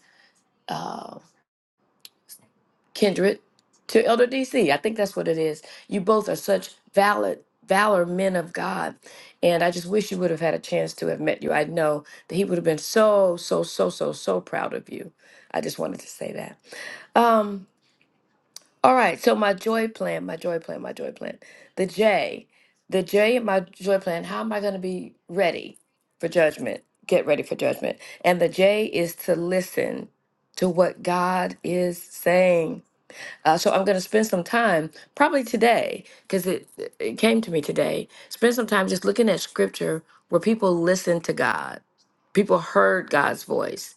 Um, Kindred, to Elder DC. I think that's what it is. You both are such valid, valor men of God. And I just wish you would have had a chance to have met you. I know that he would have been so, so, so, so, so proud of you. I just wanted to say that. All right. So, my joy plan, my joy plan, my joy plan. The J, the J in my joy plan. How am I going to be ready for judgment? Get ready for judgment. And the J is to listen to what God is saying uh, so I'm going to spend some time, probably today, because it, it came to me today. Spend some time just looking at scripture where people listened to God, people heard God's voice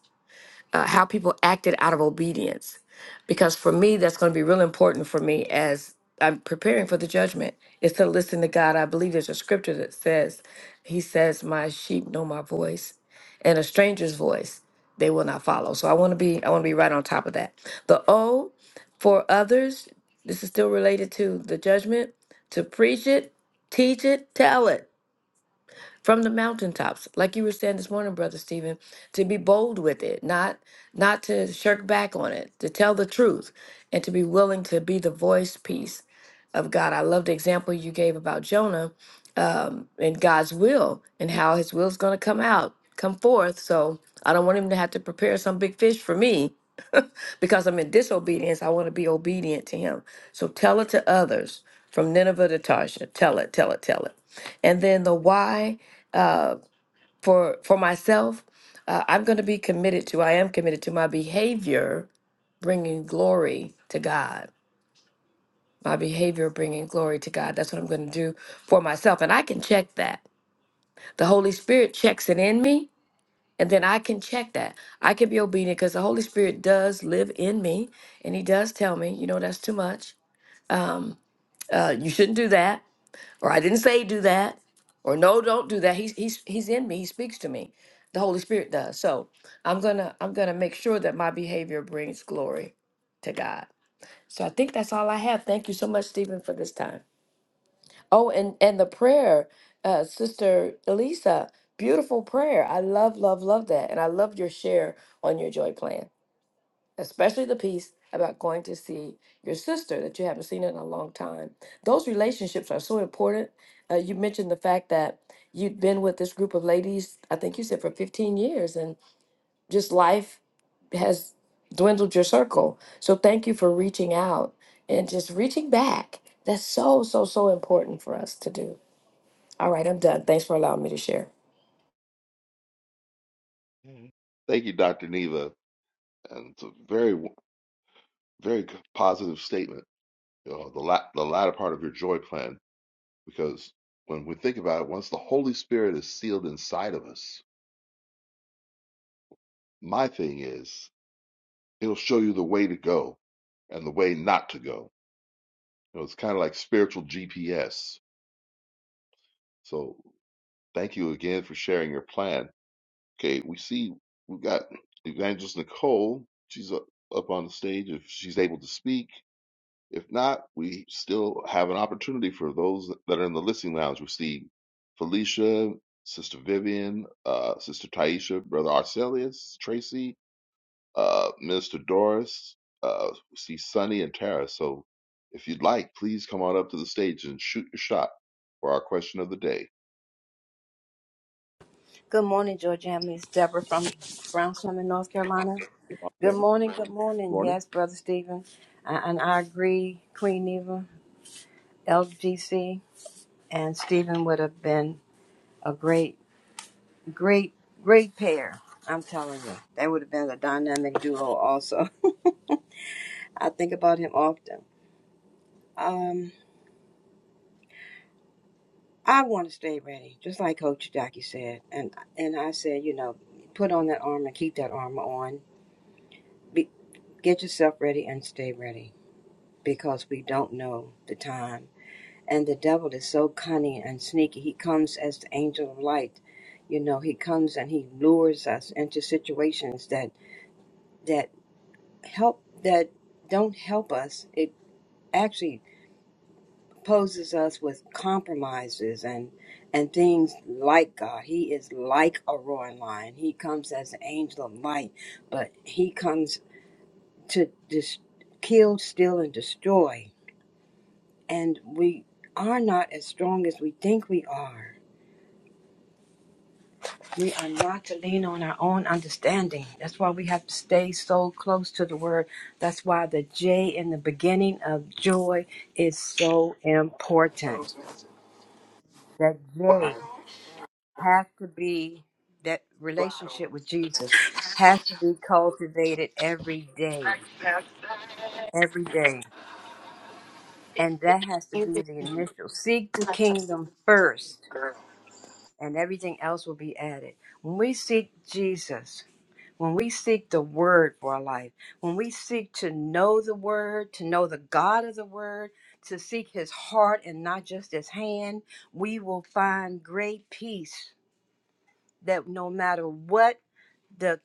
uh, how people acted out of obedience. Because for me, that's going to be real important for me as I'm preparing for the judgment is to listen to God. I believe there's a scripture that says, He says, My sheep know my voice, and a stranger's voice they will not follow. So I want to be I want to be right on top of that. The O for others, this is still related to the judgment, to preach it, teach it, tell it from the mountaintops like you were saying this morning brother stephen to be bold with it not not to shirk back on it to tell the truth and to be willing to be the voice piece of god i love the example you gave about jonah and god's will and how his will is going to come out come forth so i don't want him to have to prepare some big fish for me because i'm in disobedience i want to be obedient to him so tell it to others from nineveh to tarshish tell it tell it tell it and then the why for for myself uh, i'm going to be committed to i am committed to my behavior bringing glory to god my behavior bringing glory to god that's what i'm going to do for myself and i can check that the holy spirit checks it in me and then i can check that i can be obedient because the holy spirit does live in me and he does tell me you know that's too much uh, you shouldn't do that or I didn't say do that, or no, don't do that. He's he's he's in me. He speaks to me. The Holy Spirit does. So I'm gonna I'm gonna make sure that my behavior brings glory to God. So I think that's all I have. Thank you so much, Stephen, for this time. Oh, and and the prayer, uh, Sister Elisa, beautiful prayer. I love love love that, and I love your share on your joy plan especially the piece about going to see your sister that you haven't seen in a long time. Those relationships are so important. Uh, you mentioned the fact that you'd been with this group of ladies, I think you said for 15 years, and just life has dwindled your circle. So thank you for reaching out and just reaching back. That's so, so, so important for us to do. All right, I'm done. Thanks for allowing me to share. Mhm. Thank you, Dr. Neva. And it's a very, w- very good- positive statement, you know, the, la- the latter part of your joy plan, because when we think about it, once the Holy Spirit is sealed inside of us, my thing is He'll show you the way to go and the way not to go. You know, it's kind of like spiritual GPS. So thank you again for sharing your plan. Okay, we see we have got Evangelist Nicole. She's up, up on the stage if she's able to speak. If not, we still have an opportunity for those that are in the listening lounge. We see Felicia, Sister Vivian, uh, Sister Taisha, Brother Arcelius, Tracy, uh, Minister Doris. Uh, we see Sunny and Tara. So if you'd like, please come on up to the stage and shoot your shot for our question of the day. Good morning, Georgia Hamley. It's Deborah from Brown in North Carolina. Mama Good Deborah, morning, good good morning. morning. Yes, Brother Stephen. I- And I agree, Queen Neva, LGC, and Stephen would have been a great, great, great pair. I'm telling you. They would have been a dynamic duo also. I think about him often. Um, I want to stay ready, just like Coach Jackie said. And, and I said, you know, put on that armor, keep that armor on. Be, get yourself ready and stay ready because we don't know the time. And the devil is so cunning and sneaky. He comes as the angel of light. You know, he comes and he lures us into situations that that help that don't help us. It actually poses us with compromises and and things like God. He is like a roaring lion. He comes as an angel of light, but he comes to dis- kill, steal, and destroy and we are not as strong as we think we are. We are not to lean on our own understanding. That's why we have to stay so close to the word. That's why the J in the beginning of joy is so important. That J has to be that relationship with Jesus has to be cultivated every day, every day. And that has to be the initial. Seek the kingdom first and everything else will be added. When we seek Jesus, when we seek the word for our life, when we seek to know the word, to know the God of the word, to seek his heart and not just his hand, we will find great peace that no matter what the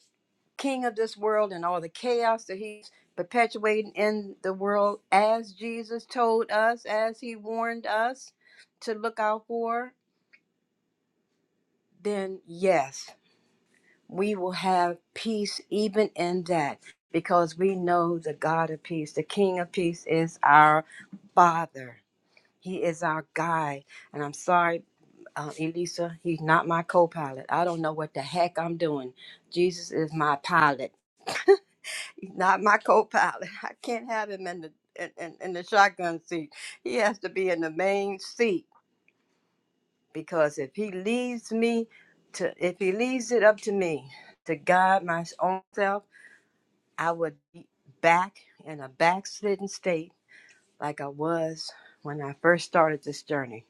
king of this world and all the chaos that he's perpetuating in the world, as Jesus told us, as he warned us to look out for, then yes we will have peace even in that because we know the God of peace, the King of peace is our Father. He is our guide. And I'm sorry, uh, Elisa, he's not my co pilot. I don't know what the heck I'm doing. Jesus is my pilot, he's not my co pilot. I can't have him in the in, in, in the shotgun seat. He has to be in the main seat because if he leaves me to if he leaves it up to me to guide my own self I would be back in a backslidden state like I was when I first started this journey.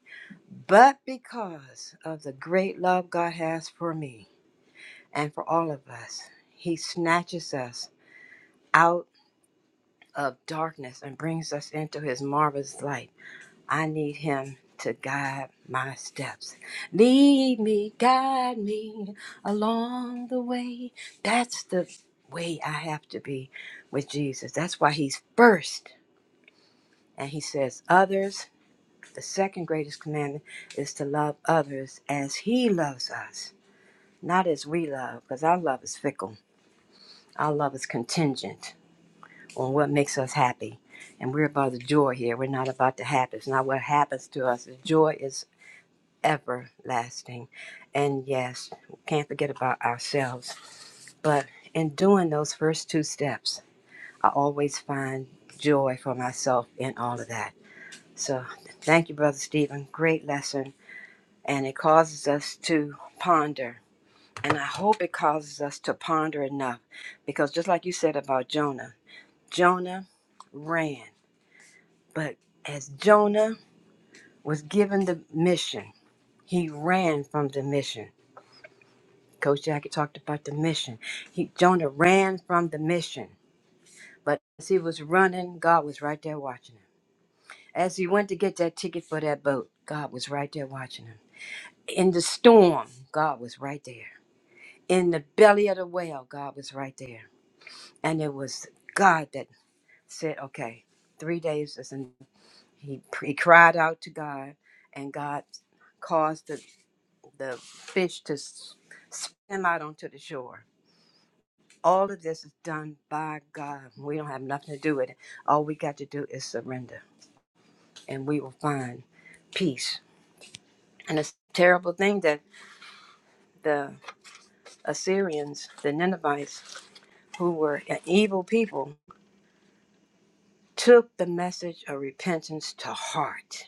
But because of the great love God has for me and for all of us, He snatches us out of darkness and brings us into His marvelous light. I need Him to guide my steps. Lead me, guide me along the way. That's the way I have to be with Jesus. That's why He's first And he says, Others, the second greatest commandment is to love others as he loves us, not as we love, because our love is fickle. Our love is contingent on what makes us happy. And we're about the joy here. We're not about the happy. It's not what happens to us. The joy is everlasting. And yes, we can't forget about ourselves. But in doing those first two steps, I always find joy for myself in all of that. So thank you, Brother Stephen. Great lesson and it causes us to ponder. And I hope it causes us to ponder enough because just like you said about Jonah, Jonah ran. But as Jonah was given the mission, he ran from the mission. Coach Jackie talked about the mission. He, Jonah ran from the mission. But as he was running, God was right there watching him. As he went to get that ticket for that boat, God was right there watching him. In the storm, God was right there. in the belly of the whale, God was right there. And it was God that said, okay, three days is and he, he cried out to God and God caused the, the fish to s- swim out onto the shore. All of this is done by God. We don't have nothing to do with it. All we got to do is surrender and we will find peace. And it's a terrible thing that the Assyrians, the Ninevites, who were an evil people, took the message of repentance to heart.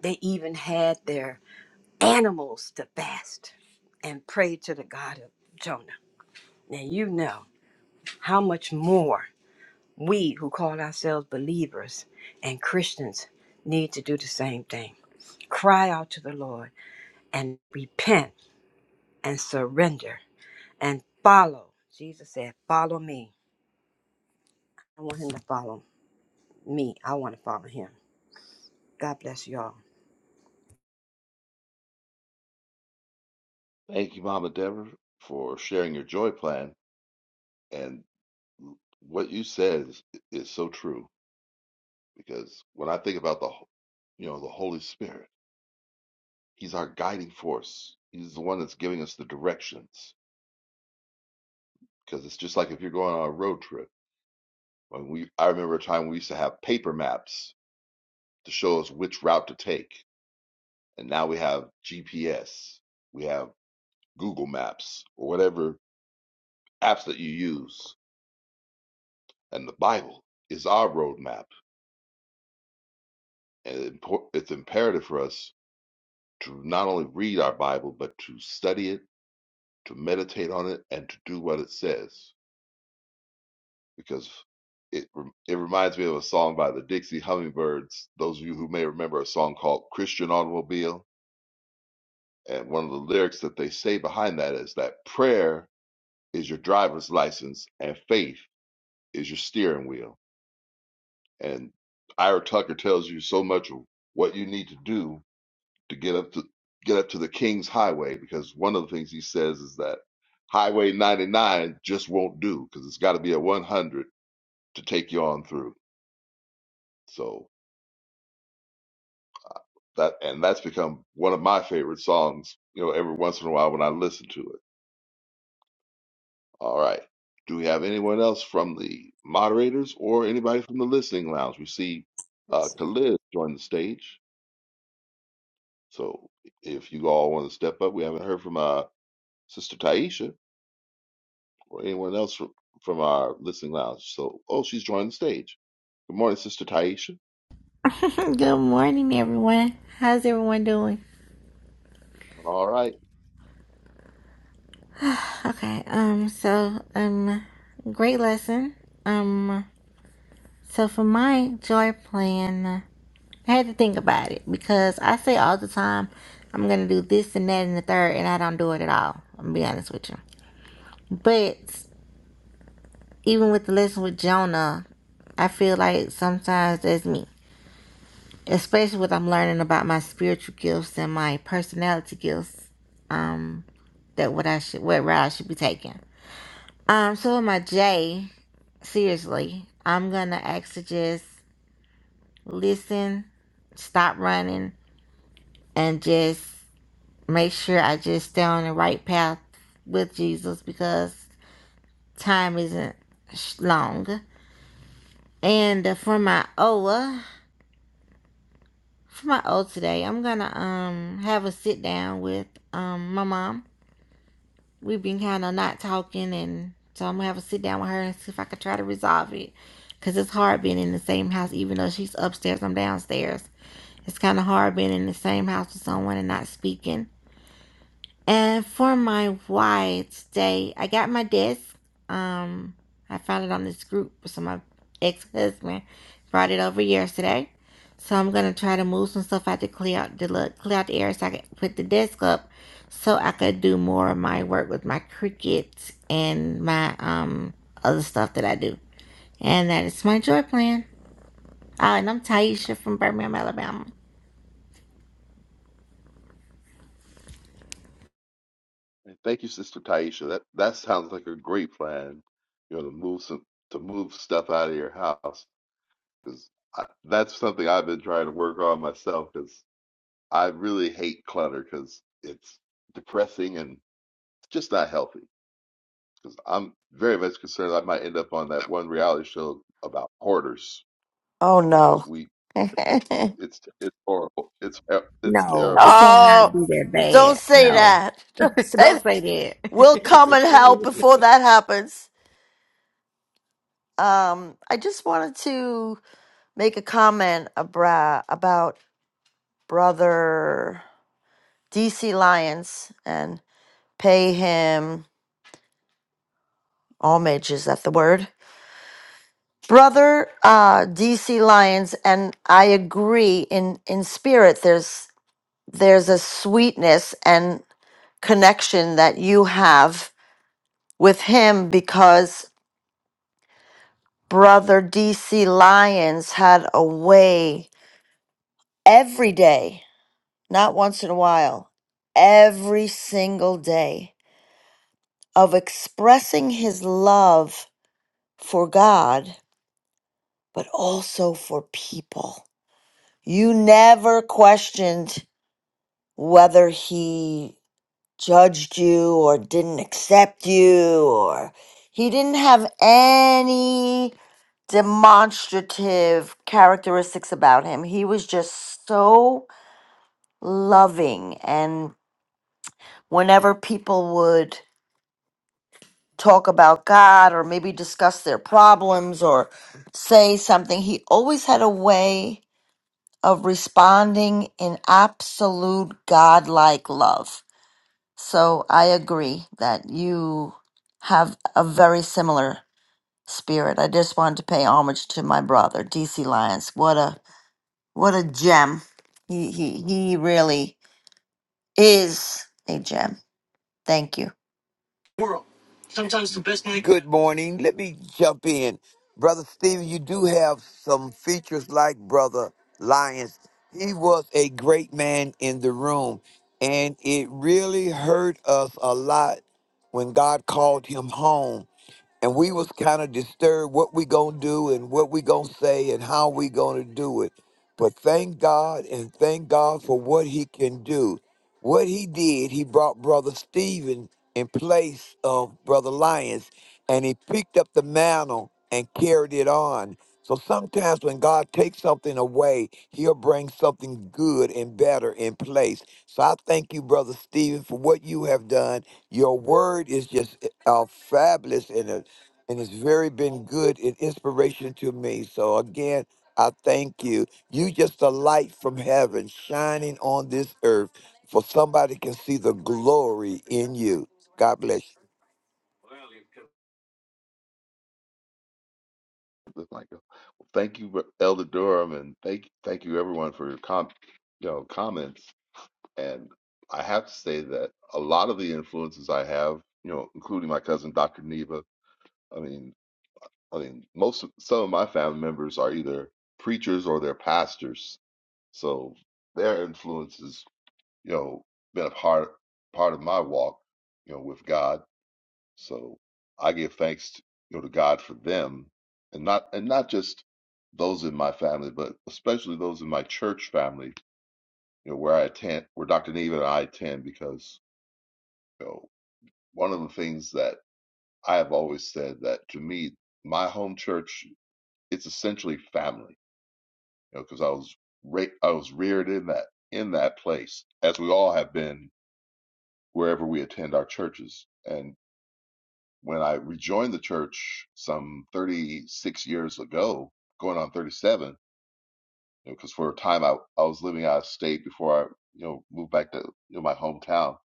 They even had their animals to fast and pray to the God of Jonah. Now, you know how much more we who call ourselves believers and Christians need to do the same thing cry out to the Lord and repent and surrender and follow. Jesus said, Follow me. I want him to follow me. I want to follow him. God bless you all. Thank you, Mama Deborah, for sharing your joy plan. And what you said is, is so true because when I think about the, ho- you know, the Holy Spirit, He's our guiding force. He's the one that's giving us the directions because it's just like if you're going on a road trip. When we, I remember a time we used to have paper maps to show us which route to take. And now we have GPS, we have Google Maps, or whatever apps that you use. And the Bible is our roadmap. And it's imperative for us to not only read our Bible, but to study it, to meditate on it, and to do what it says. Because it, it reminds me of a song by the Dixie Hummingbirds. Those of you who may remember a song called Christian Automobile. And one of the lyrics that they say behind that is that prayer is your driver's license and faith is your steering wheel. And Ira Tucker tells you so much of what you need to do to get up to get up to the King's Highway because one of the things he says is that Highway 99 just won't do because it's got to be a 100 to take you on through. So that and that's become one of my favorite songs. You know, every once in a while when I listen to it. All right. Do we have anyone else from the moderators or anybody from the listening lounge? We see uh, Khalid join the stage. So if you all want to step up, we haven't heard from uh, Sister Taisha or anyone else from, from our listening lounge. So, oh, she's joined the stage. Good morning, Sister Taisha. Good morning, everyone. How's everyone doing? All right. Okay, um, so, um, great lesson. Um, so for my joy plan, I had to think about it because I say all the time, I'm gonna do this and that and the third, and I don't do it at all. I'm gonna be honest with you. But even with the lesson with Jonah, I feel like sometimes that's me, especially what I'm learning about my spiritual gifts and my personality gifts. Um. that what I should what route I should be taking. Um, so with my J, seriously, I'm gonna actually just listen, stop running, and just make sure I just stay on the right path with Jesus because time isn't long. And uh, for my O, uh, for my O today, I'm gonna um have a sit down with um my mom We've been kind of not talking, and so I'm gonna have to sit down with her and see if I can try to resolve it. Cause it's hard being in the same house, even though she's upstairs, I'm downstairs. It's kind of hard being in the same house with someone and not speaking and for my why today, I got my desk. Um, I found it on this group. So my ex husband brought it over yesterday. So I'm gonna try to move some stuff out to clear out the look, clear out the air so I can put the desk up, so I could do more of my work with my crickets and my um other stuff that I do. And that is my joy plan. Uh, and I'm Taisha from Birmingham, Alabama. And thank you, Sister Taisha. That that sounds like a great plan. You know, to move some to move stuff out of your house because that's something I've been trying to work on myself because I really hate clutter because it's depressing and it's just not healthy. Because I'm very much concerned I might end up on that one reality show about hoarders. Oh no. Because we, it's it's horrible. It's ter- it's No, terrible. it Oh. cannot be that Don't bad. say No. that. Don't say Don't that. say We'll come and help that. before that happens. Um, I just wanted to make a comment abra- about brother DC Lyons and pay him homage. Is that the word? Brother uh, DC Lyons and I agree in in spirit. There's there's a sweetness and connection that you have with him because Brother DC Lyons had a way every day, not once in a while, every single day of expressing his love for God, but also for people. You never questioned whether he judged you or didn't accept you or he didn't have any demonstrative characteristics about him. He was just so loving. And whenever people would talk about God or maybe discuss their problems or say something, he always had a way of responding in absolute godlike love. So I agree that you have a very similar spirit. I just wanted to pay homage to my brother, DC Lyons. What a what a gem. He he he really is a gem. Thank you. world. Sometimes the best man. Good morning. Let me jump in, brother Stephen. You do have some features like brother Lyons. He was a great man in the room, and it really hurt us a lot when God called him home. And we was kind of disturbed what we gonna do and what we gonna say and how we gonna do it. But thank God and thank God for what he can do. What he did, he brought Brother Stephen in place of Brother Lyons, and he picked up the mantle and carried it on. So sometimes when God takes something away, he'll bring something good and better in place. So I thank you, Brother Stephen, for what you have done. Your word is just uh, fabulous and, uh, and it's very been good and inspiration to me. So again, I thank you. You just a light from heaven shining on this earth for somebody can see the glory in you. God bless you. It's like, "Oh, well, thank you, Elder Durham, and thank thank you everyone for your com, you know, comments. And I have to say that a lot of the influences I have, you know, including my cousin Dr. Neva. I mean, I mean, most of- some of my family members are either preachers or they're pastors, so their influence has, you know, been a part part of my walk, you know, with God. So I give thanks, to, you know, to God for them, and not and not just those in my family, but especially those in my church family, you know, where I attend, where Dr. Neva and I attend, because you know, one of the things that I have always said that to me, my home church, it's essentially family you know, because I was ra- I was reared in that in that place, as we all have been wherever we attend our churches. And when I rejoined the church some 36 years ago, going on 37, you know, because for a time I I was living out of state before I you know moved back to you know my hometown,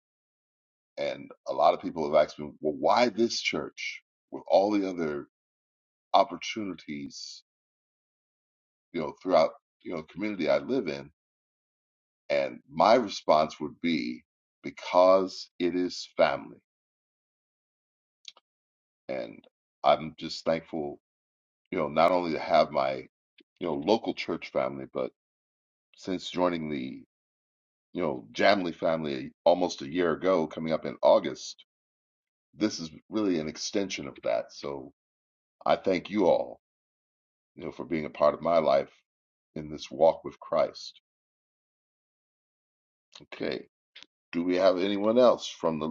and a lot of people have asked me, well, why this church with all the other opportunities you know throughout you know the community I live in And my response would be because it is family. And I'm just thankful, you know, not only to have my, you know, local church family, but since joining the, you know, Jamley family almost a year ago, coming up in August, this is really an extension of that. So I thank you all, you know, for being a part of my life in this walk with Christ. Okay. Do we have anyone else from the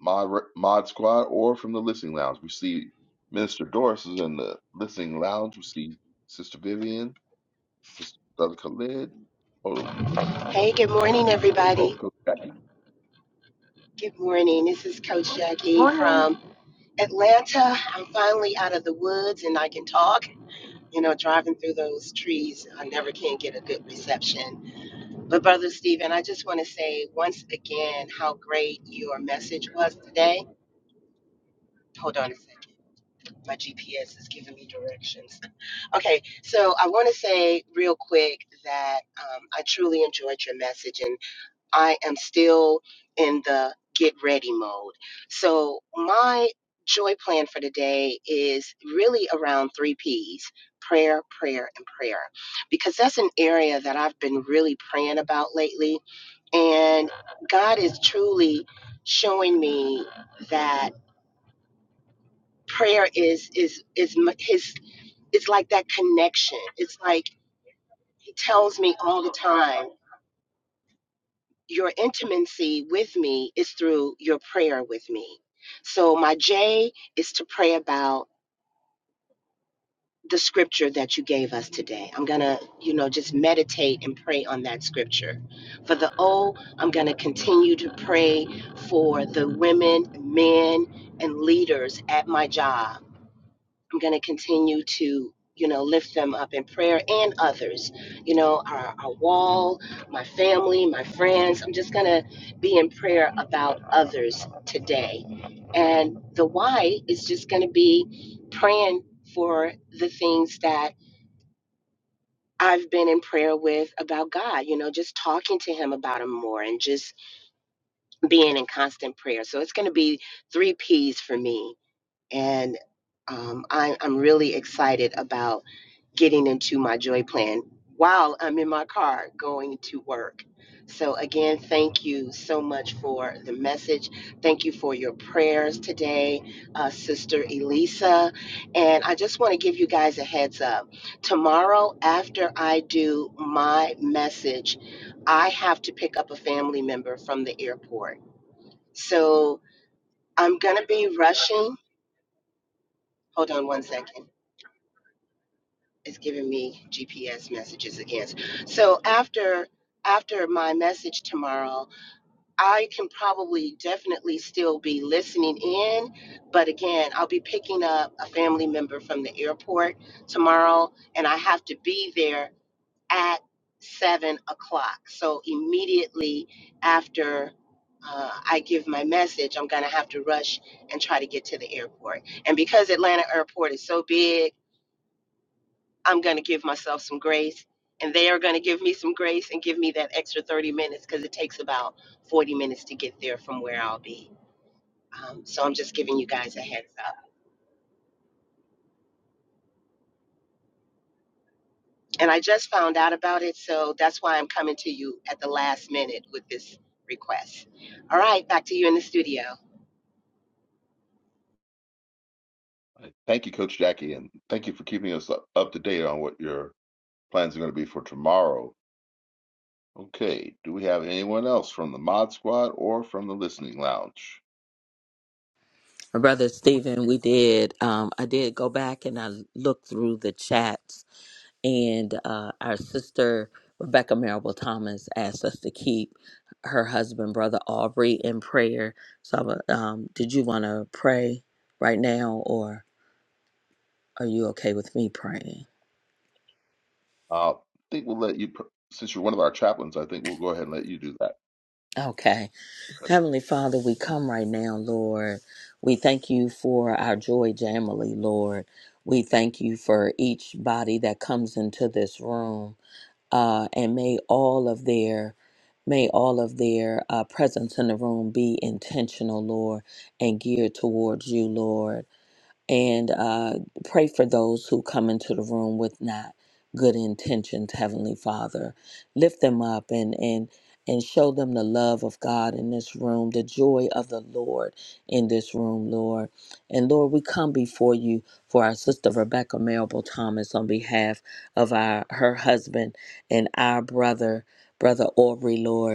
Mod, Mod Squad or from the Listening Lounge. We see Minister Doris is in the Listening Lounge. We see Sister Vivian, Sister Brother Khalid. Oh, Hey, good morning, oh, everybody. Coach Jackie. Good morning. This is Coach Jackie Morning. from Atlanta. I'm finally out of the woods and I can talk. You know, driving through those trees, I never can get a good reception. But Brother Stephen, I just want to say once again how great your message was today. Hold on a second. My GPS is giving me directions. Okay, so I want to say real quick that um, I truly enjoyed your message, and. I am still in the get ready mode. So, my joy plan for today is really around three P's prayer, prayer, and prayer, because that's an area that I've been really praying about lately. And God is truly showing me that prayer is is is his it's like that connection. It's like he tells me all the time your intimacy with me is through your prayer with me. So my J is to pray about the scripture that you gave us today. I'm going to, you know, just meditate and pray on that scripture. For the O, I'm going to continue to pray for the women, men, and leaders at my job I'm going to continue to, you know, lift them up in prayer and others, you know, our, our wall, my family, my friends. I'm just going to be in prayer about others today. And the why is just going to be praying for the things that I've been in prayer with about God, you know, just talking to Him about Him more and just being in constant prayer. So it's going to be three P's for me and um, I, I'm really excited about getting into my joy plan while I'm in my car going to work. So, again, thank you so much for the message. Thank you for your prayers today, uh, Sister Elisa. And I just want to give you guys a heads up. Tomorrow, after I do my message, I have to pick up a family member from the airport. So, I'm going to be rushing. Hold on one second. It's giving me GPS messages again. So after after my message tomorrow, I can probably definitely still be listening in, but again, I'll be picking up a family member from the airport tomorrow, and I have to be there at seven o'clock. So immediately after. Uh, I give my message, I'm gonna have to rush and try to get to the airport. And because Atlanta Airport is so big, I'm going to give myself some grace, and they are going to give me some grace and give me that extra 30 minutes because it takes about 40 minutes to get there from where I'll be. Um, so I'm just giving you guys a heads up. And I just found out about it, so that's why I'm coming to you at the last minute with this request. All right, back to you in the studio. Thank you, Coach Jackie, and thank you for keeping us up, up to date on what your plans are going to be for tomorrow. Okay, do we have anyone else from the Mod Squad or from the Listening Lounge? My brother Stephen, we did. Um, I did go back and I looked through the chats, and uh, our sister Rebecca Marable Thomas asked us to keep her husband, brother Aubrey, in prayer. So, um, did you want to pray right now, or are you okay with me praying? Uh, I think we'll let you, pr- since you're one of our chaplains, I think we'll go ahead and let you do that. Okay. Heavenly Father, we come right now, Lord. We thank you for our joy jamily, Lord. We thank you for each body that comes into this room. uh, and may all of their may all of their uh, presence in the room be intentional lord and geared towards you lord and uh, pray for those who come into the room with not good intentions heavenly father lift them up and and and show them the love of god in this room the joy of the lord in this room lord and lord we come before you for our sister rebecca marable thomas on behalf of our her husband and our brother brother aubrey lord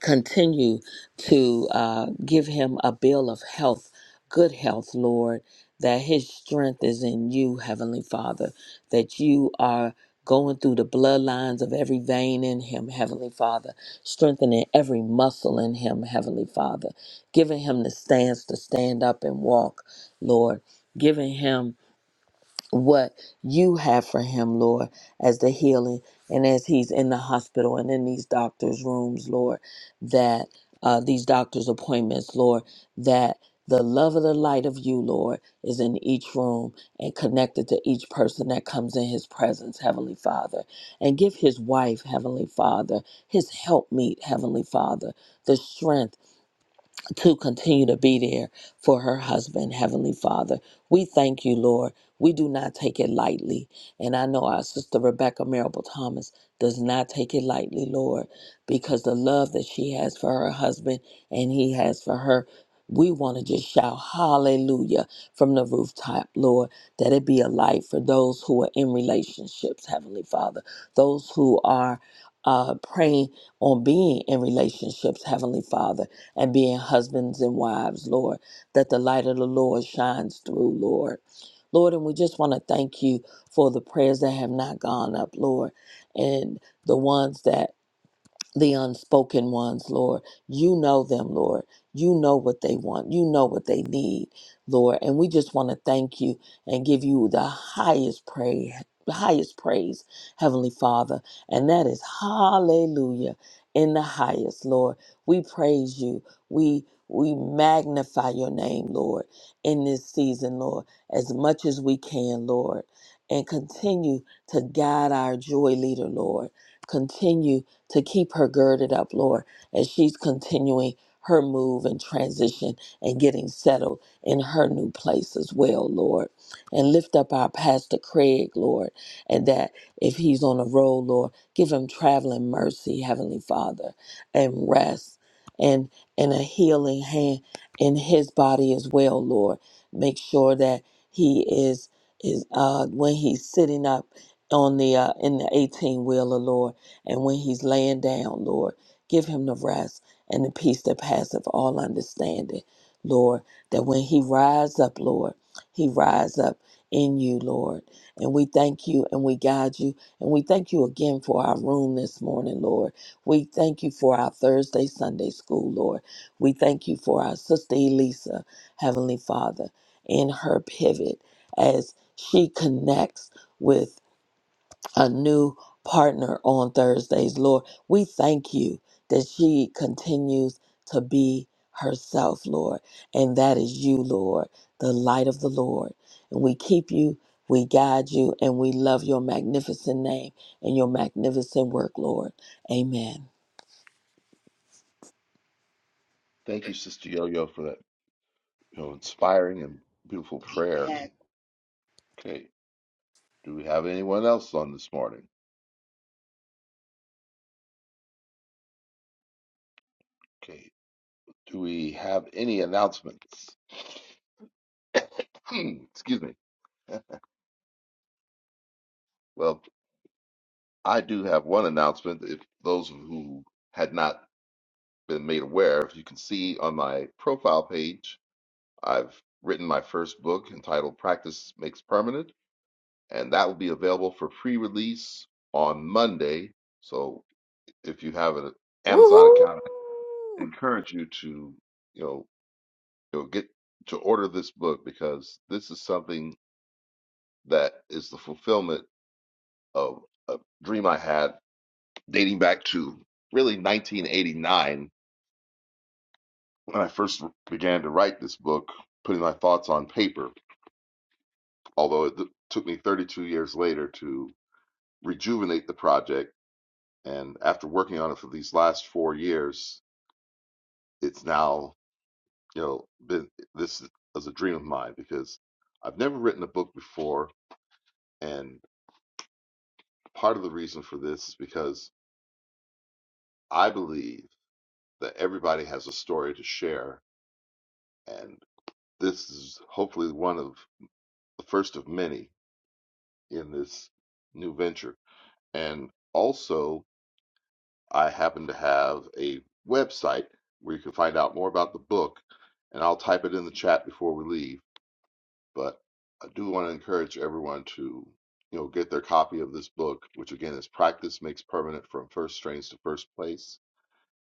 continue to uh, give him a bill of health, good health, Lord, that his strength is in you, Heavenly Father, that you are going through the bloodlines of every vein in him, Heavenly Father, strengthening every muscle in him, Heavenly Father, giving him the stance to stand up and walk, Lord, giving him what you have for him, Lord, as the healing and as he's in the hospital and in these doctors' rooms, Lord, that uh, these doctors' appointments, Lord, that the love of the light of you, Lord, is in each room and connected to each person that comes in his presence, Heavenly Father. And give his wife, Heavenly Father, his helpmeet, Heavenly Father, the strength to continue to be there for her husband, Heavenly Father. We thank you, Lord. We do not take it lightly. And I know our sister Rebecca Marable Thomas does not take it lightly, Lord, because the love that she has for her husband and he has for her. We want to just shout hallelujah from the rooftop, Lord, that it be a light for those who are in relationships, Heavenly Father, those who are uh, praying on being in relationships, Heavenly Father and being husbands and wives, Lord, that the light of the Lord shines through, Lord. Lord, and we just want to thank you for the prayers that have not gone up, Lord, and the ones that the unspoken ones, Lord. You know them, Lord. You know what they want. You know what they need, Lord. And we just want to thank you and give you the highest praise, highest praise, Heavenly Father. And that is hallelujah in the highest, Lord. We praise you. We we magnify your name, Lord, in this season, Lord, as much as we can, Lord. And continue to guide our joy leader, Lord. Continue to keep her girded up, Lord, as she's continuing her move and transition and getting settled in her new place as well, Lord. And lift up our Pastor Craig, Lord, and that if he's on a road, Lord, give him traveling mercy, Heavenly Father, and rest and and a healing hand in his body as well, Lord. Make sure that he is is uh when he's sitting up on the uh in the 18 wheeler, Lord and when he's laying down, Lord, give him the rest and the peace that passeth all understanding, Lord. That when he rise up, Lord, he rise up in you, Lord. And we thank you and we guide you. And we thank you again for our room this morning, Lord. We thank you for our Thursday, Sunday school, Lord. We thank you for our sister Elisa, Heavenly Father, in her pivot as she connects with a new partner on Thursdays. Lord, we thank you that she continues to be herself, Lord, and that is you, Lord, the light of the Lord. And we keep you, we guide you, and we love your magnificent name and your magnificent work, Lord. Amen. Thank you, Sister Yo Yo, for that you know, inspiring and beautiful prayer. Amen. Okay. Do we have anyone else on this morning? Okay. Do we have any announcements? Excuse me. Well, I do have one announcement. If those who had not been made aware, if you can see on my profile page, I've written my first book entitled Practice Makes Permanent, and that will be available for pre release on Monday. So if you have an Amazon Woohoo! account, I encourage you to, you know, you know, get to order this book because this is something that is the fulfillment of a dream I had dating back to really 1989 when I first began to write this book, putting my thoughts on paper. Although it took me 32 years later to rejuvenate the project, and after working on it for these last four years, it's now you know been this is a dream of mine because I've never written a book before, and. Part of the reason for this is because I believe that everybody has a story to share, and this is hopefully one of the first of many in this new venture. And also, I happen to have a website where you can find out more about the book, and I'll type it in the chat before we leave. But I do want to encourage everyone to you know get their copy of this book, which again is Practice Makes Permanent from First Strains to First Place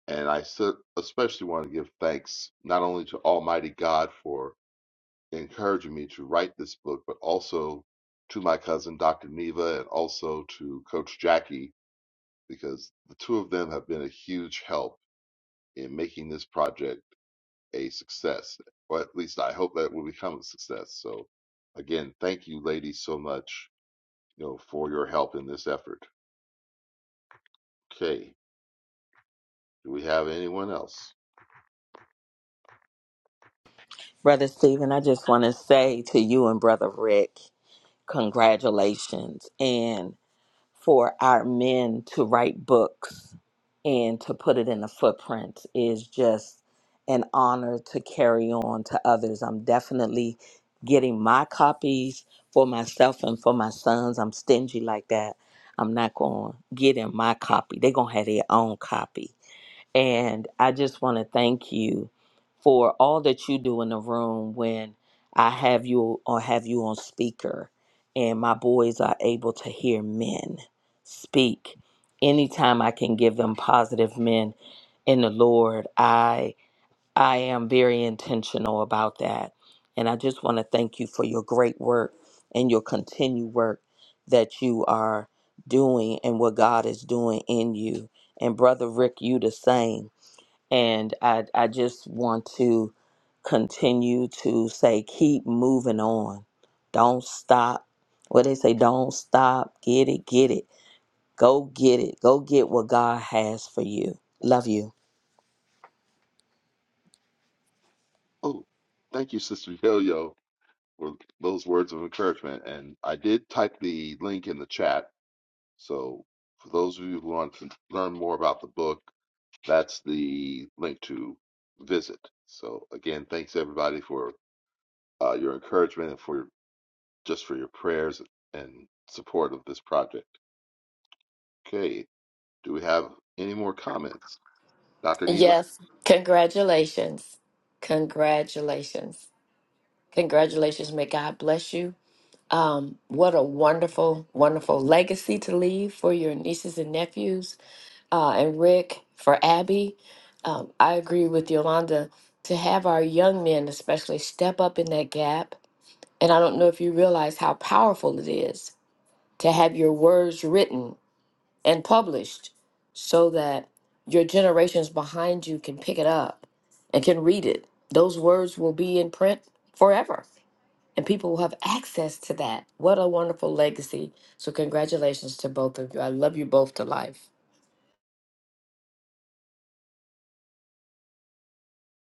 And I so- especially want to give thanks not only to Almighty God for encouraging me to write this book, but also to my cousin, Dr. Neva, and also to Coach Jackie, because the two of them have been a huge help in making this project a success. Or at least I hope that it will become a success. So, again, thank you, ladies, so much you know, for your help in this effort. Okay. Do we have anyone else? Brother Stephen, I just want to say to you and Brother Rick, congratulations. And for our men to write books and to put it in a footprint is just an honor to carry on to others. I'm definitely getting my copies for myself and for my sons. I'm stingy like that. I'm not going to get in my copy. They're going to have their own copy. And I just want to thank you for all that you do in the room when I have you or have you on speaker and my boys are able to hear men speak. Anytime I can give them positive men in the Lord, I I am very intentional about that. And I just want to thank you for your great work and your continued work that you are doing and what God is doing in you. And brother Rick, you the same and I, I just want to continue to say, keep moving on. Don't stop. What they say, don't stop. Get it, get it. Go get it. Go get what God has for you. Love you. Oh, thank you, Sister Yo Yo. for those words of encouragement. And I did type the link in the chat. So for those of you who want to learn more about the book, that's the link to visit. So again, thanks everybody for uh, your encouragement and for just for your prayers and support of this project. Okay, do we have any more comments, Dr. Neva? Yes, congratulations. Congratulations. Congratulations. May God bless you. Um, what a wonderful, wonderful legacy to leave for your nieces and nephews, uh, and Rick, for Abby. Um, I agree with Yolanda to have our young men, especially, step up in that gap. And I don't know if you realize how powerful it is to have your words written and published so that your generations behind you can pick it up and can read it. Those words will be in print forever and people will have access to that. What a wonderful legacy. So, congratulations to both of you. I love you both to life.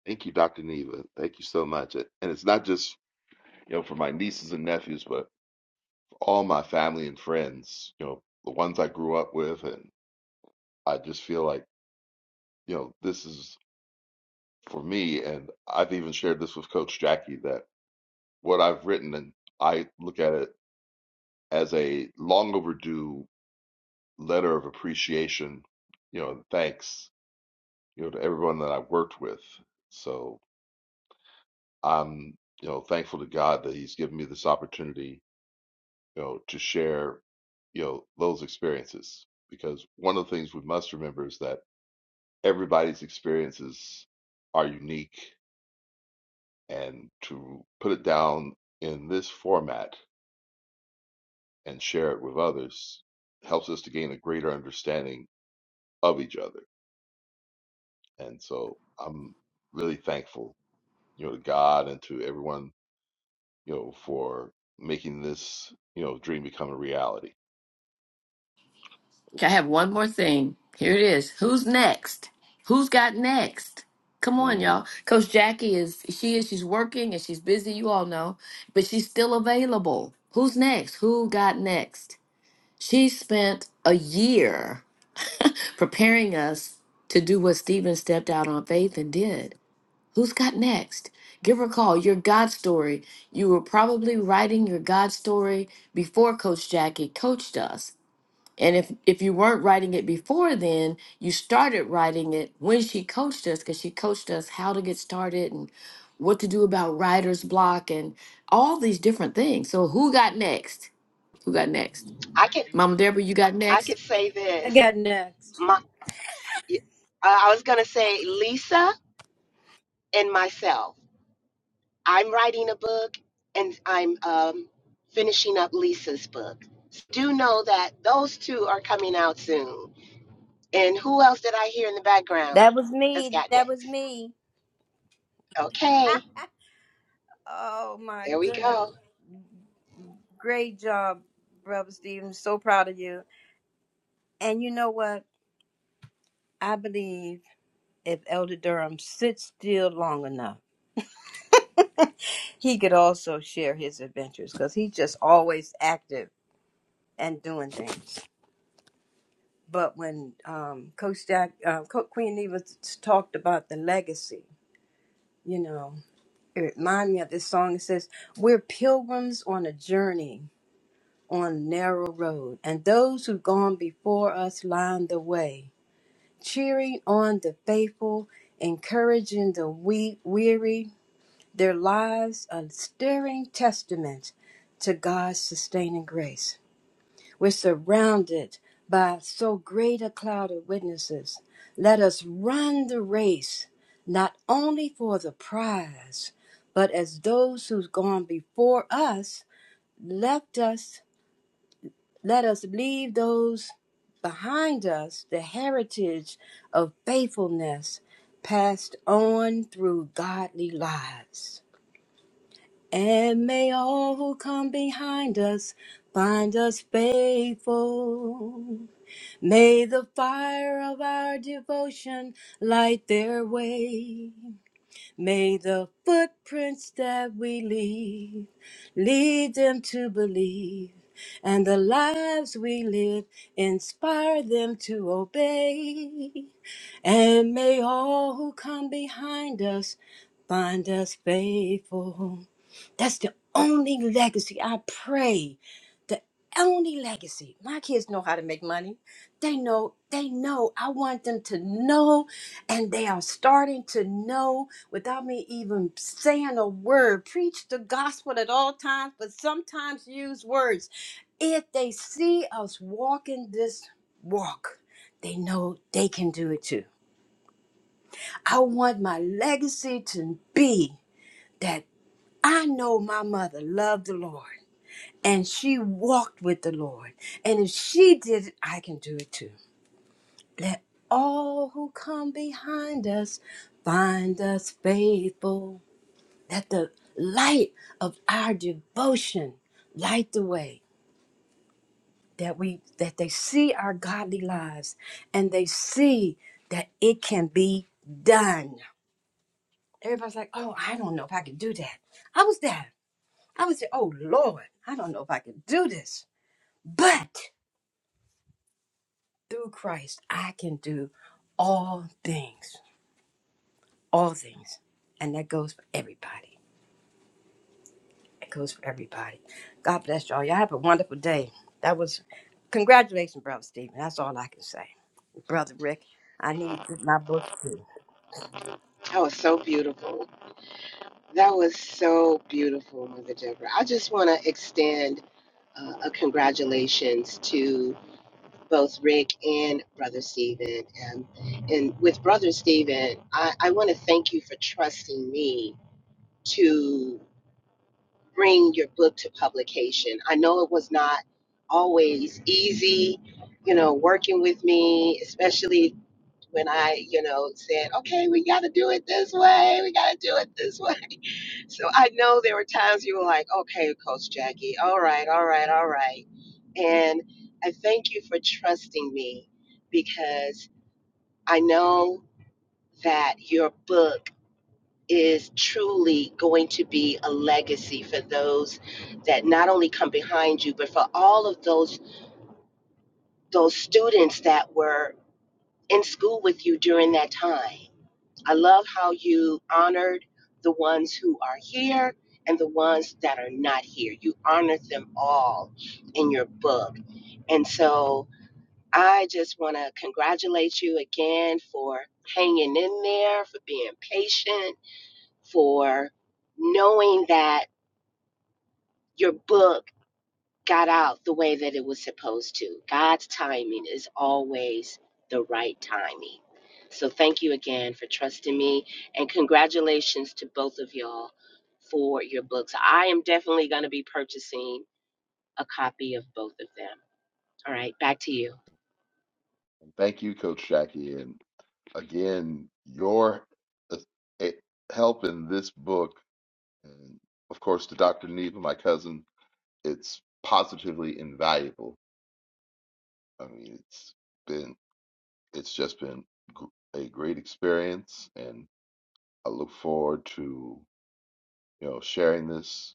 Thank you, Dr. Neva. Thank you so much. And it's not just you know for my nieces and nephews, but all my family and friends, you know, the ones I grew up with. And I just feel like, you know, this is for me. And I've even shared this with Coach Jackie that what I've written, and I look at it as a long overdue letter of appreciation, you know, and thanks, you know, to everyone that I've worked with. So I'm, you know, thankful to God that He's given me this opportunity, you know, to share, you know, those experiences. Because one of the things we must remember is that everybody's experiences are unique and to put it down in this format and share it with others helps us to gain a greater understanding of each other and so i'm really thankful you know to god and to everyone you know for making this you know dream become a reality Okay, I have one more thing. Here it is. Who's next? Who's got next? Come on, Mm. y'all. Coach Jackie is, she is, she's working and she's busy, you all know, but she's still available. Who's next? Who got next? She spent a year preparing us to do what Stephen stepped out on faith and did. Who's got next? Give her a call. Your God story. You were probably writing your God story before Coach Jackie coached us. And if, if you weren't writing it before then, you started writing it when she coached us because she coached us how to get started and what to do about writer's block and all these different things. So, who got next? Who got next? I could Mama Deborah, you got I next? could say I this. got next. My, I I was gonna say Lisa and myself. I'm writing a book and I'm um, finishing up Lisa's book. Do know that those two are coming out soon. And who else did I hear in the background That was that's me. got That was next? me. Okay, Oh my there we goodness. go. Great job, Brother Stephen. So proud of you. And you know what? I believe if Elder Durham sits still long enough, he could also share his adventures because he's just always active and doing things. But when um, Coach Jack, uh, Co- Queen Eva s- talked about the legacy, you know, it reminded me of this song. It says, "We're pilgrims on a journey." on narrow road, and those who've gone before us line the way, cheering on the faithful, encouraging the weak, weary. Their lives are stirring testaments to God's sustaining grace. We're surrounded by so great a cloud of witnesses. Let us run the race, not only for the prize, but as those who've gone before us left us let us leave those behind us the heritage of faithfulness passed on through godly lives. And may all who come behind us find us faithful. May the fire of our devotion light their way. May the footprints that we leave lead them to believe, and the lives we live inspire them to obey. And may all who come behind us find us faithful. That's the only legacy I pray. The only legacy. My kids know how to make money. They know, they know. I want them to know, and they are starting to know without me even saying a word. Preach the gospel at all times, but sometimes use words. If they see us walking this walk, they know they can do it too. I want my legacy to be that I know my mother loved the Lord and she walked with the Lord. And if she did it, I can do it too. Let all who come behind us find us faithful. Let the light of our devotion light the way that we that they see our godly lives and they see that it can be done. Everybody's like, "Oh, I don't know if I can do that." I was there. I was there. Oh Lord, I don't know if I can do this, but through Christ, I can do all things, all things. And that goes for everybody. It goes for everybody. God bless y'all. Y'all have a wonderful day. That was, congratulations, Brother Stephen. That's all I can say. Brother Rick, I need to get my book too. That was so beautiful. That was so beautiful, Mother Deborah. I just want to extend uh, a congratulations to both Rick and Brother Stephen. And, and with Brother Stephen, I, I want to thank you for trusting me to. bring your book to publication. I know it was not always easy, you know, working with me, especially when I, you know, said, okay, we got to do it this way, we got to do it this way. So I know there were times you were like, okay, Coach Jackie, all right, all right, all right. And I thank you for trusting me because I know that your book is truly going to be a legacy for those that not only come behind you but for all of those those students that were in school with you during that time i love how you honored the ones who are here and the ones that are not here you honored them all in your book and so i just want to congratulate you again for hanging in there for being patient for knowing that your book got out the way that it was supposed to. God's timing is always the right timing. So thank you again for trusting me and congratulations to both of y'all for your books. I am definitely going to be purchasing a copy of both of them. All right, back to you. And thank you coach jackie and again your uh, eh, help in this book and of course to dr neva my cousin it's positively invaluable. I mean, it's been it's just been a great experience, and I look forward to you know sharing this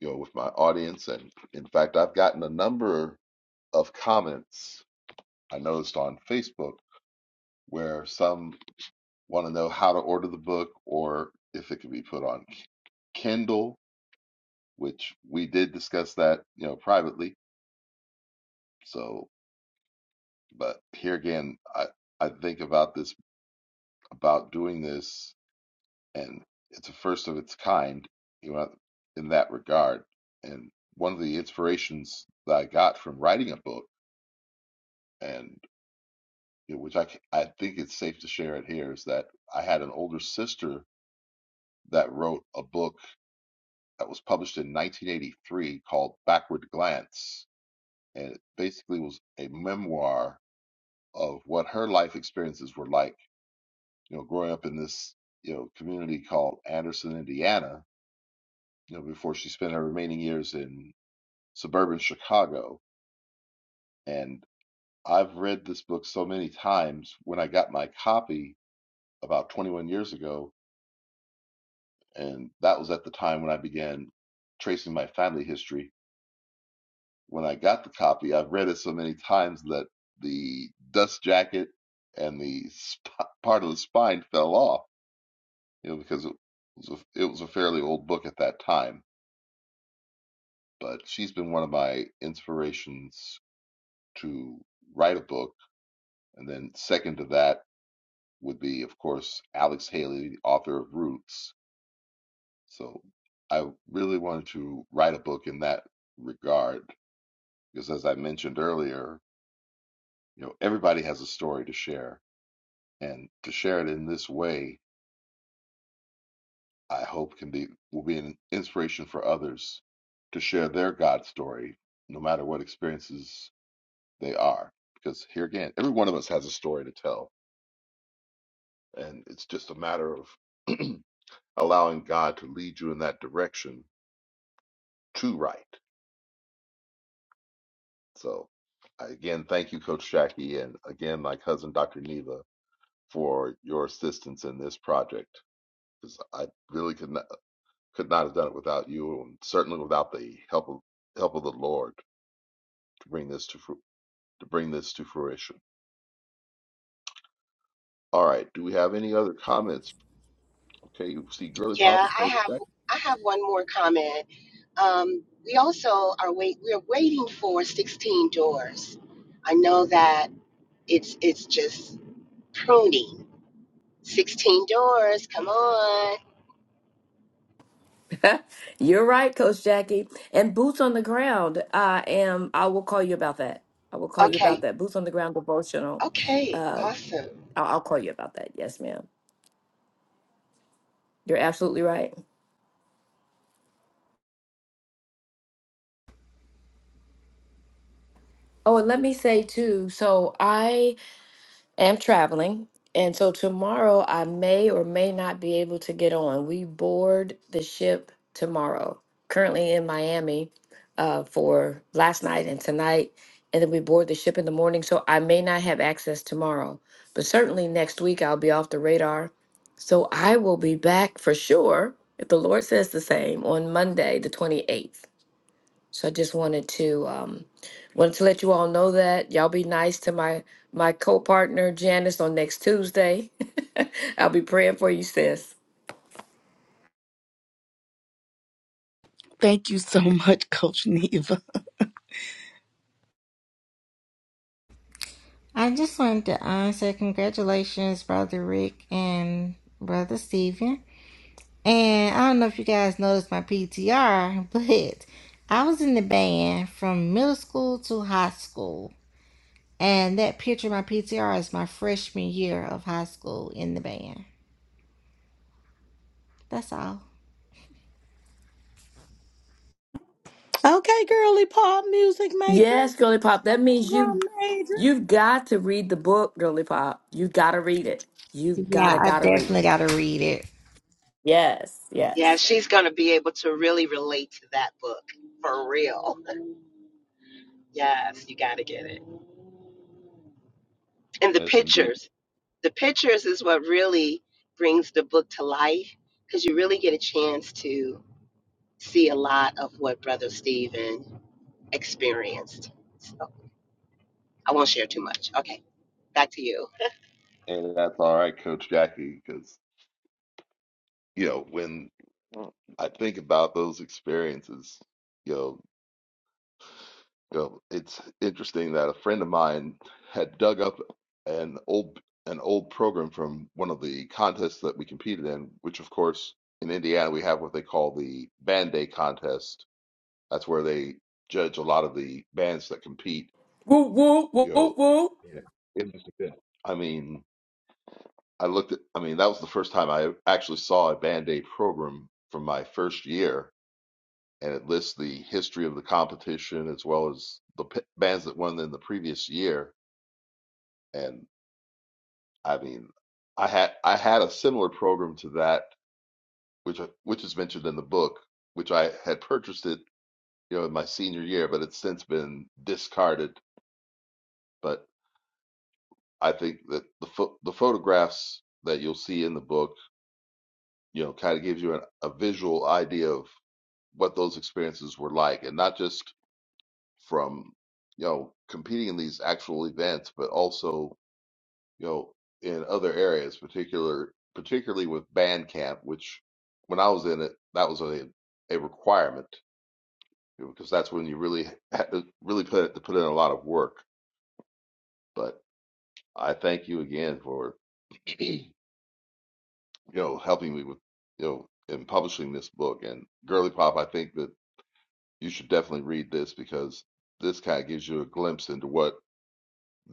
you know with my audience. And in fact, I've gotten a number of comments I noticed on Facebook where some want to know how to order the book or if it can be put on Kindle, which we did discuss that you know privately. So, but here again, I I think about this about doing this, and it's a first of its kind, you know, in that regard. And one of the inspirations that I got from writing a book, and you know, which I c- I think it's safe to share it here, is that I had an older sister that wrote a book that was published in 1983 called Backward Glance, and it basically was a memoir of what her life experiences were like, you know, growing up in this you know community called Anderson, Indiana you know, before she spent her remaining years in suburban Chicago. And I've read this book so many times. When I got my copy about 21 years ago, and that was at the time when I began tracing my family history. When I got the copy, I've read it so many times that the dust jacket and the sp- part of the spine fell off, you know, because it was a, it was a fairly old book at that time. But she's been one of my inspirations to write a book And then second to that would be, of course, Alex Haley, the author of Roots. So I really wanted to write a book in that regard because, as I mentioned earlier, you know, everybody has a story to share, and to share it in this way, I hope can be will be an inspiration for others to share their God story, no matter what experiences they are. Because here again, every one of us has a story to tell, and it's just a matter of allowing God to lead you in that direction to right. So, again, thank you, Coach Jackie, and again, my cousin, Dr. Neva, for your assistance in this project because I really could not could not have done it without you, and certainly without the help of help of the Lord to bring this to fru- to bring this to fruition. All right. Do we have any other comments? Okay, you see, Girly Pop Yeah, is I Coach have Jackie. I have one more comment. Um, we also are wait we're waiting for 16 doors. I know that it's it's just pruning 16 doors. Come on. You're right, Coach Jackie. And boots on the ground. I am. I will call you about that. I will call you about Okay. that. Boots on the ground devotional. Okay. Uh, Awesome. I'll, I'll call you about that. Yes, ma'am. You're absolutely right. Oh, and let me say too. So I am traveling. And so tomorrow I may or may not be able to get on. We board the ship tomorrow, currently in Miami uh, for last night and tonight. And then we board the ship in the morning. So I may not have access tomorrow, but certainly next week I'll be off the radar. So I will be back for sure, if the Lord says the same, on Monday, the 28th. So I just wanted to um wanted to let you all know that. Y'all be nice to my my co-partner Janice on next Tuesday. I'll be praying for you, sis. Thank you so much, Coach Neva. I just wanted to um, say congratulations, Brother Rick and Brother Steven. And I don't know if you guys noticed my PTR, but I was in the band from middle school to high school. And that picture, of my PTR, is my freshman year of high school in the band. That's all. Yes, girly pop. That means you you've got to read the book, girly pop. You've got to read it. You've Yeah, gotta I gotta read definitely it. got to read it. Yes, Yeah, yes. she's going to be able to really relate to that book for real. Yes, you got to get it. And the Yes, indeed, pictures. The pictures is what really brings the book to life because you really get a chance to see a lot of what Brother Stephen experienced. So I won't share too much. Okay. Back to you. and that's all right, Coach Jackie, because you know, when I think about those experiences, you know, you know, it's interesting that a friend of mine had dug up an old an old program from one of the contests that we competed in, which of course in Indiana we have what they call the band day contest. That's where they judge a lot of the bands that compete. Woo woo woo You woo know, woo. it, I mean, I looked at, I mean, that was the first time I actually saw a band day program from my first year and it lists the history of the competition as well as the p- bands that won in the previous year. And I mean, I had I had a similar program to that, which I- which is mentioned in the book, which I had purchased it, you know, in my senior year, but it's since been discarded. But I think that the pho- the photographs that you'll see in the book, you know, kind of gives you an, a visual idea of what those experiences were like, and not just from you know competing in these actual events, but also you know in other areas, particular particularly with Bandcamp, which when I was in it, that was a a requirement you know, because that's when you really had to really put to put in a lot of work. But I thank you again for you know helping me with you know in publishing this book and Girly Pop. I think that you should definitely read this because this kind of gives you a glimpse into what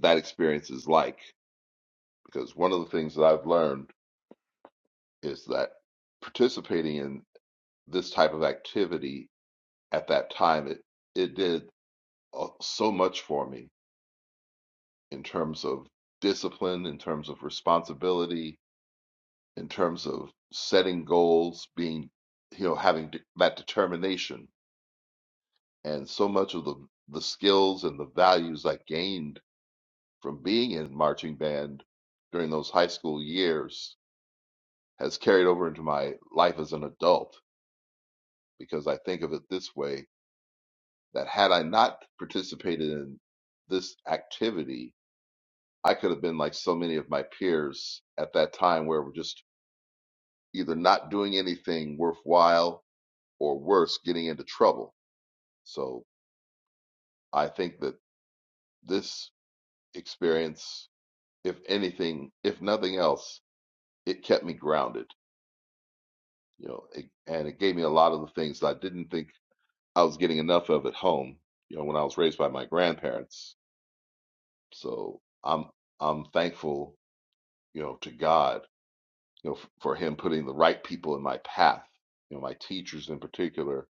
that experience is like because one of the things that I've learned is that participating in this type of activity at that time it it did uh, so much for me in terms of discipline, in terms of responsibility, in terms of setting goals, being you know having de- that determination, and so much of the the skills and the values I gained from being in marching band during those high school years has carried over into my life as an adult because I think of it this way that had I not participated in this activity, I could have been like so many of my peers at that time where we're just either not doing anything worthwhile or worse, getting into trouble. So I think that this experience, if anything, if nothing else, it kept me grounded, you know, it, and it gave me a lot of the things that I didn't think I was getting enough of at home, you know, when I was raised by my grandparents So I'm I'm thankful, you know, to God, you know, f- for Him putting the right people in my path, you know, my teachers in particular,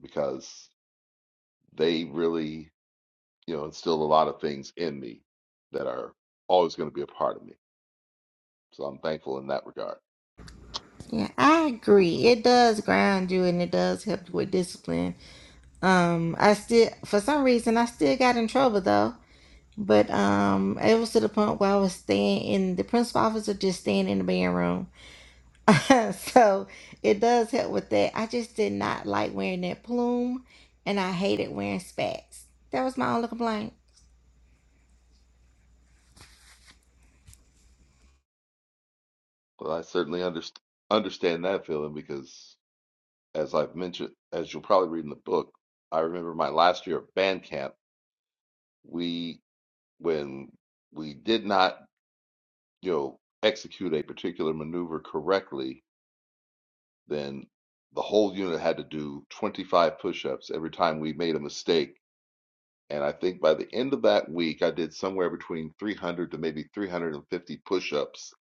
because they really, you know, instilled a lot of things in me that are always going to be a part of me. So I'm thankful in that regard. Yeah, I agree. It does ground you and it does help you with discipline Um, I still, for some reason, I still got in trouble though. But um, it was to the point where I was staying in the principal office or just staying in the bedroom. so it does help with that. I just did not like wearing that plume, and I hated wearing spats. That was my only complaint. But I certainly underst understand that feeling because, as I've mentioned, as you'll probably read in the book, I remember my last year at band camp. We when we did not you know, execute a particular maneuver correctly, then the whole unit had to do 25 push-ups every time we made a mistake. And I think by the end of that week, I did somewhere between 300 to maybe 350 push-ups,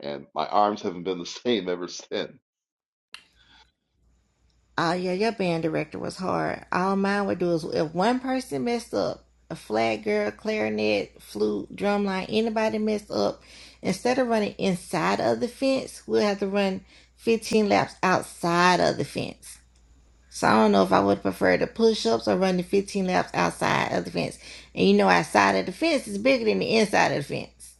and my arms haven't been the same ever since. Oh yeah, your band director was hard. All mine would do is if one person messed up, a flat girl, clarinet, flute, drumline, anybody messed up, instead of running inside of the fence, we'll have to run fifteen laps outside of the fence. So I don't know if I would prefer the push ups or running fifteen laps outside of the fence. And you know outside of the fence is bigger than the inside of the fence.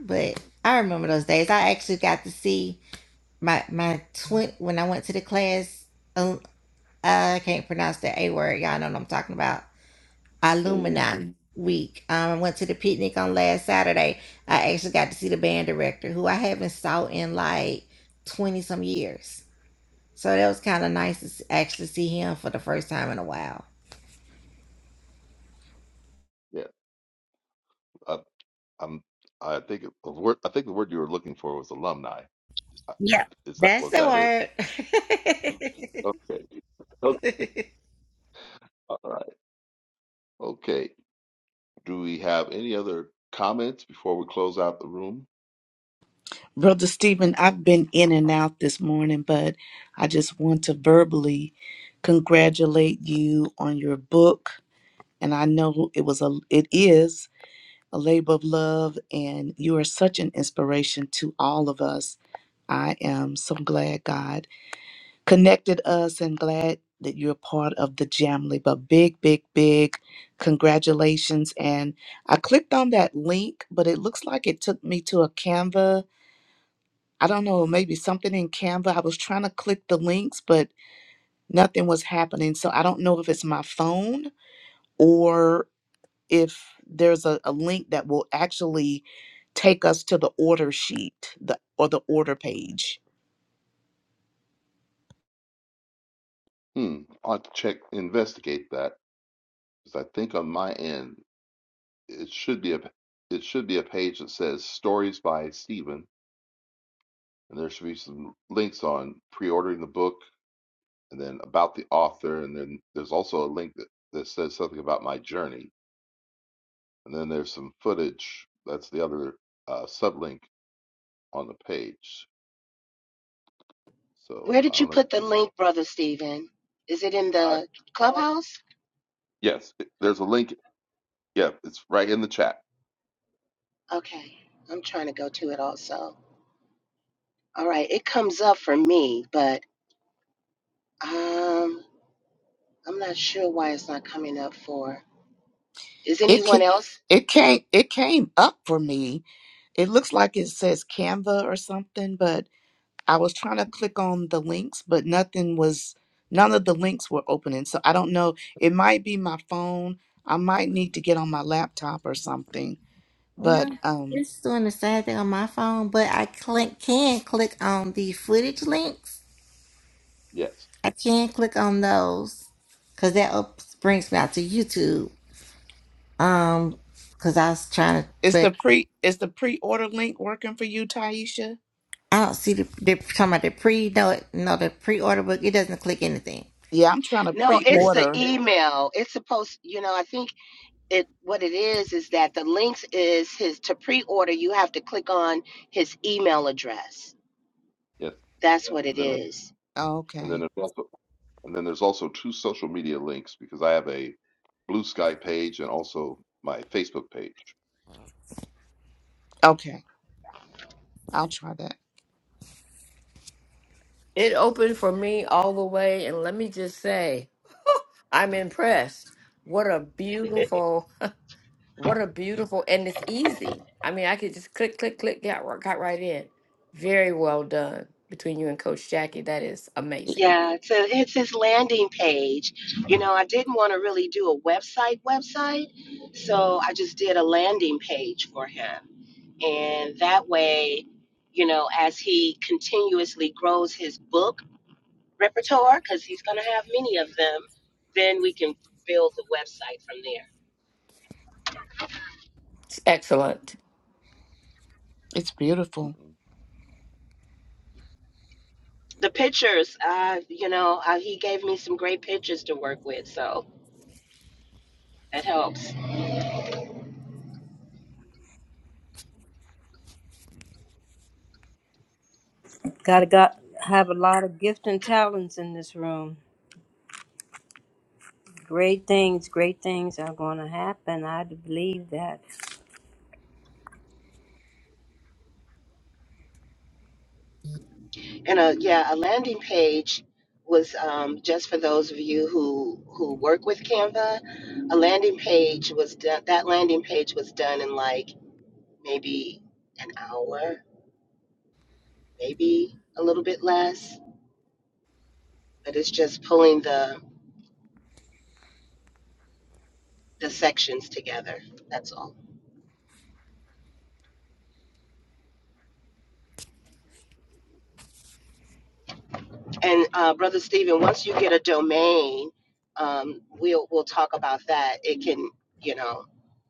But I remember those days. I actually got to see my my twin when I went to the class um, I can't pronounce that A word. Y'all know what I'm talking about. Mm. Illumina week. Um, I went to the picnic on last Saturday. I actually got to see the band director who I haven't saw in like 20 some years. So that was kind of nice to s- actually see him for the first time in a while. Yeah, I, I'm. I think it, the word I think the word you were looking for was alumni. I, Yeah, I, is that that's was the that it? word. Okay. Okay. All right. Okay. Do we have any other comments before we close out the room? Brother Stephen, I've been in and out this morning, but I just want to verbally congratulate you on your book. And I know it was a it is a labor of love, and you are such an inspiration to all of us. I am so glad God connected us and glad that you're part of the Jamly. But big, big, big congratulations. And I clicked on that link, but it looks like it took me to a Canva. I don't know, maybe something in Canva. I was trying to click the links, but nothing was happening. So I don't know if it's my phone or. if there's a, a link that will actually take us to the order sheet the or the order page Hmm. I'll have to check, investigate that because I think on my end it should be a it should be a page that says stories by Stephen, and there should be some links on pre-ordering the book and then about the author, and then there's also a link that, that says something about my journey, and then there's some footage. That's the other uh, sublink on the page. So Where I did you don't know. put the link, Brother Stephen? Is it in Uh, the clubhouse? yes, there's a link. Yeah, it's right in the chat. Okay. I'm trying to go to it also. All right. It comes up for me, but um, I'm not sure why it's not coming up for. Is it anyone can else? it came it came up for me it looks like it says canva or something but i was trying to click on the links but nothing was none of the links were opening so i don't know it might be my phone i might need to get on my laptop or something but no, um it's doing the same thing on my phone, but I click, can click on the footage links. Yes, I can click on those because that up, brings me out to YouTube Um, cause I was trying to, is but the pre is the pre-order link working for you taisha I don't see the, they're talking about the pre, no, no, the pre-order book. It doesn't click anything. yeah i'm trying to No, it's the pre-order email. It's supposed, you know, I think it what it is is that the links is his to pre-order, you have to click on his email address. yes, That's what it and then is. and then Okay. there's also And then there's also two social media links because I have a Blue Sky page and also my Facebook page. Okay. I'll try that. It opened for me all the way, and let me just say, I'm impressed. What a beautiful What a beautiful, and it's easy. I mean, I could just click, click, click, got, r- got right in. Very well done between you and Coach Jackie. That is amazing. Yeah, so it's his landing page. You know, I didn't want to really do a website website, so I just did a landing page for him. And that way, you know, as he continuously grows his book repertoire, because he's going to have many of them, then we can build the website from there. It's excellent. It's beautiful. Mm-mm. The pictures, uh, you know, uh, he gave me some great pictures to work with, so that helps. Gotta got, have a lot of gifts and talents in this room. Great things, great things are going to happen. I believe that. And uh, yeah, a landing page was um, just for those of you who who work with Canva. A landing page was done. That landing page was done in like maybe an hour maybe a little bit less, but it's just pulling the the sections together. That's all. And uh, brother Stephen, once you get a domain, um, we'll we'll talk about that. It can you know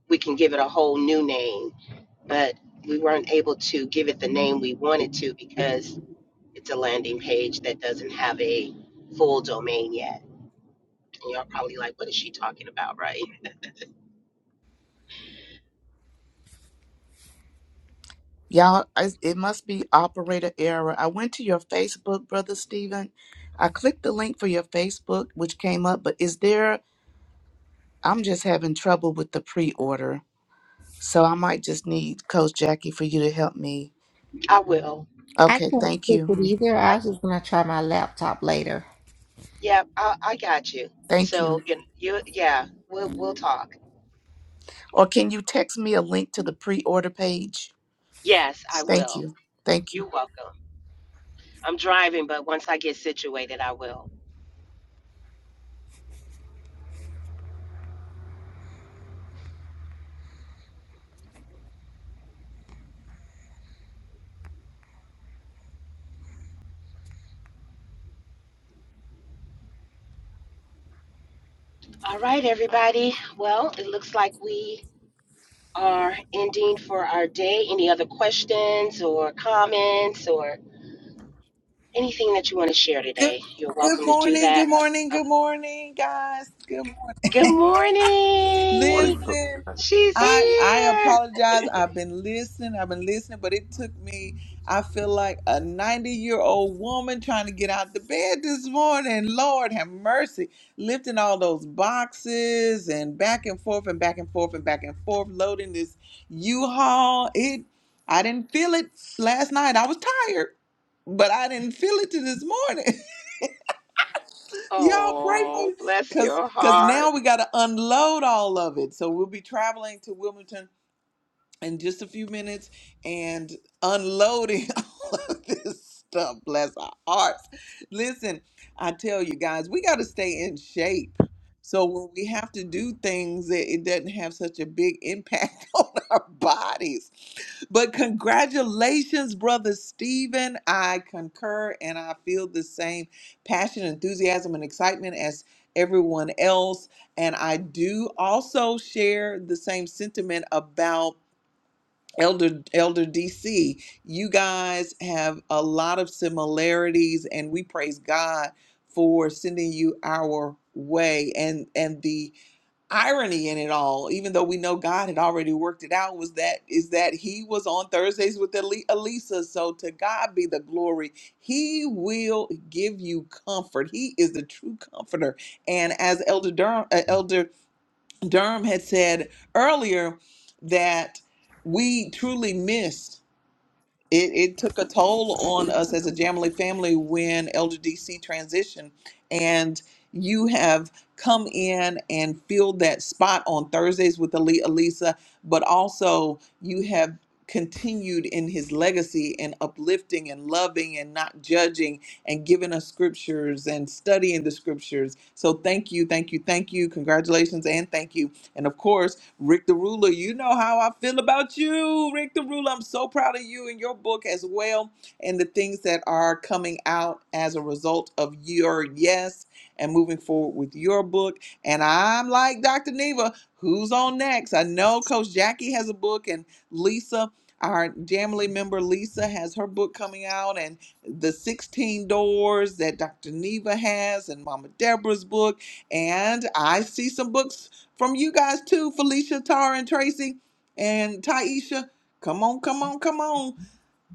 we can give it a whole new name, but we weren't able to give it the name we wanted to because it's a landing page that doesn't have a full domain yet. And y'all probably like, what is she talking about, right? Y'all, I- it must be operator error. I went to your Facebook, Brother Stephen. I clicked the link for your Facebook, which came up, but is there, I'm just having trouble with the pre order. So I might just need Coach Jackie for you to help me. I will. I Okay. can't Thank click you. it either. I was just gonna try my laptop later. Yeah, I, I got you. Thank So you. you, you, yeah, we'll we'll talk. Or can you text me a link to the pre order page? Yes, I Thank will. you. Thank you. You're welcome. I'm driving, but once I get situated, I will. All right, everybody. Well, it looks like we are ending for our day. Any other questions or comments or anything that you want to share Good, today? You're good welcome to do morning, that. good morning, Uh, uh, good morning, guys. Good morning. good morning. Morning, Cook. listen. She's I I here. apologize. I've been listening. I've been listening, but it took me. I feel like a ninety-year-old woman trying to get out the bed this morning. Lord have mercy, lifting all those boxes and back and forth and back and forth and back and forth, loading this U-Haul. It. I didn't feel it last night. I was tired, but I didn't feel it to this morning. Y'all pray for Oh, me. bless Cause, your Cause heart. now we gotta unload all of it. So we'll be traveling to Wilmington in just a few minutes and unloading all of this stuff. Bless our hearts. Listen, I tell you guys, we got to stay in shape. So when we have to do things, it, it doesn't have such a big impact on our bodies. But congratulations, brother Stephen. I concur and I feel the same passion, enthusiasm, and excitement as everyone else. And I do also share the same sentiment about Elder Elder DC, you guys have a lot of similarities and we praise God for sending you our way and and the irony in it all even though we know God had already worked it out was that is that he was on Thursdays with Ali- Elisa so to God be the glory he will give you comfort he is the true comforter and as Elder Durham, Durham had said earlier that we truly missed it, it took a toll on us as a Jamily family when Elder DC transitioned. And you have come in and filled that spot on Thursdays with Ali Elisa, but also you have continued in his legacy and uplifting and loving and not judging and giving us scriptures and studying the scriptures. So thank you, thank you, thank you. Congratulations and thank you. And of course, Rick the Ruler, you know how I feel about you. Rick the Ruler, I'm so proud of you and your book as well, and the things that are coming out as a result of your yes and moving forward with your book. And I'm like Dr. Neva, who's on next? I know Coach Jackie has a book, and Lisa, our Jamily member Lisa, has her book coming out, and the 16 doors that Dr. Neva has and Mama Deborah's book. And I see some books from you guys too, Felicia, Tara, and Tracy, and Taisha. Come on, come on, come on.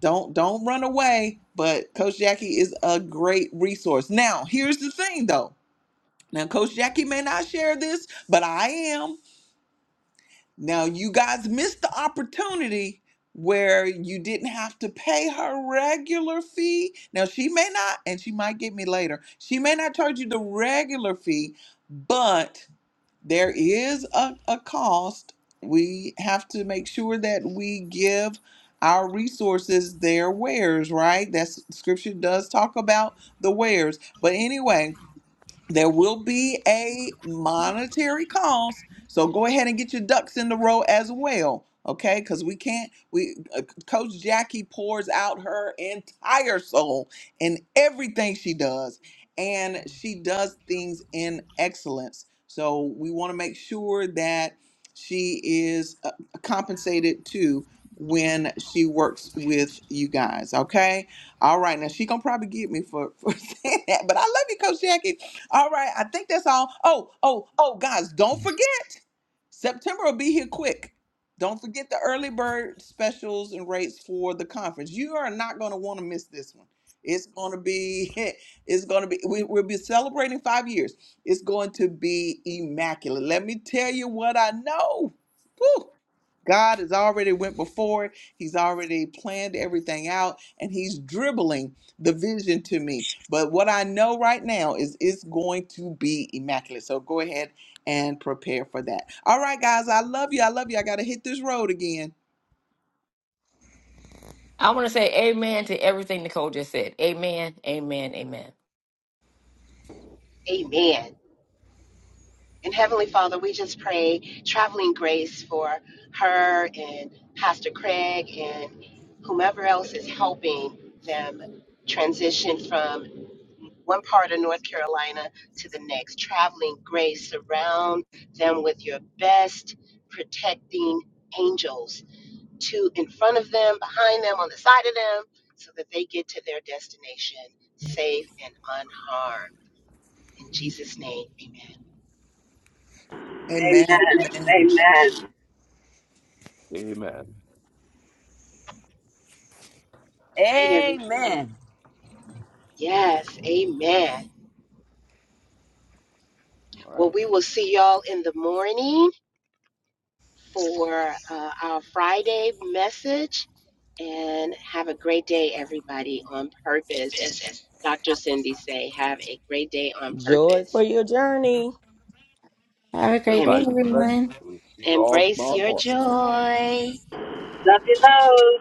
Don't don't run away. But Coach Jackie is a great resource. Now, here's the thing though. Now, Coach Jackie may not share this, but I am. Now, you guys missed the opportunity where you didn't have to pay her regular fee. Now, she may not, and she might get me later. She may not charge you the regular fee, but there is a, a cost. We have to make sure that we give our resources their wares, right? That's scripture does talk about the wares. But anyway, there will be a monetary cost so go ahead and get your ducks in the row as well okay because we can't we uh, coach jackie pours out her entire soul in everything she does and she does things in excellence so we want to make sure that she is uh, compensated too when she works with you guys okay all right now she gonna probably get me for, for saying that but i love you coach jackie all right, I think that's all. Oh, oh, oh, guys, don't forget September will be here quick. Don't forget the early bird specials and rates for the conference. You are not going to want to miss this one. It's going to be, it's going to be, we, we'll be celebrating five years. It's going to be immaculate. Let me tell you what I know. Whew. God has already went before. it. He's already planned everything out and he's dribbling the vision to me. But what I know right now is it's going to be immaculate. So go ahead and prepare for that. All right, guys, I love you. I love you. I got to hit this road again. I want to say amen to everything Nicole just said. Amen, amen, amen. Amen. And Heavenly Father, we just pray traveling grace for her and Pastor Craig and whomever else is helping them transition from one part of North Carolina to the next. Traveling grace, surround them with your best protecting angels to in front of them, behind them, on the side of them, so that they get to their destination safe and unharmed. In Jesus' name, amen. Amen. Amen. Amen. Amen. Amen. All Right, everyone. Amen. Yes, amen. All Well, right. we will see y'all in the morning for uh, our Friday message and have a great day, everybody, on purpose. As Dr. Cindy say, have a great day on Joy for purpose your journey. Have a great and day, Everybody be blessed. everyone. We'll see you all embrace tomorrow your morning. joy. Love you, love.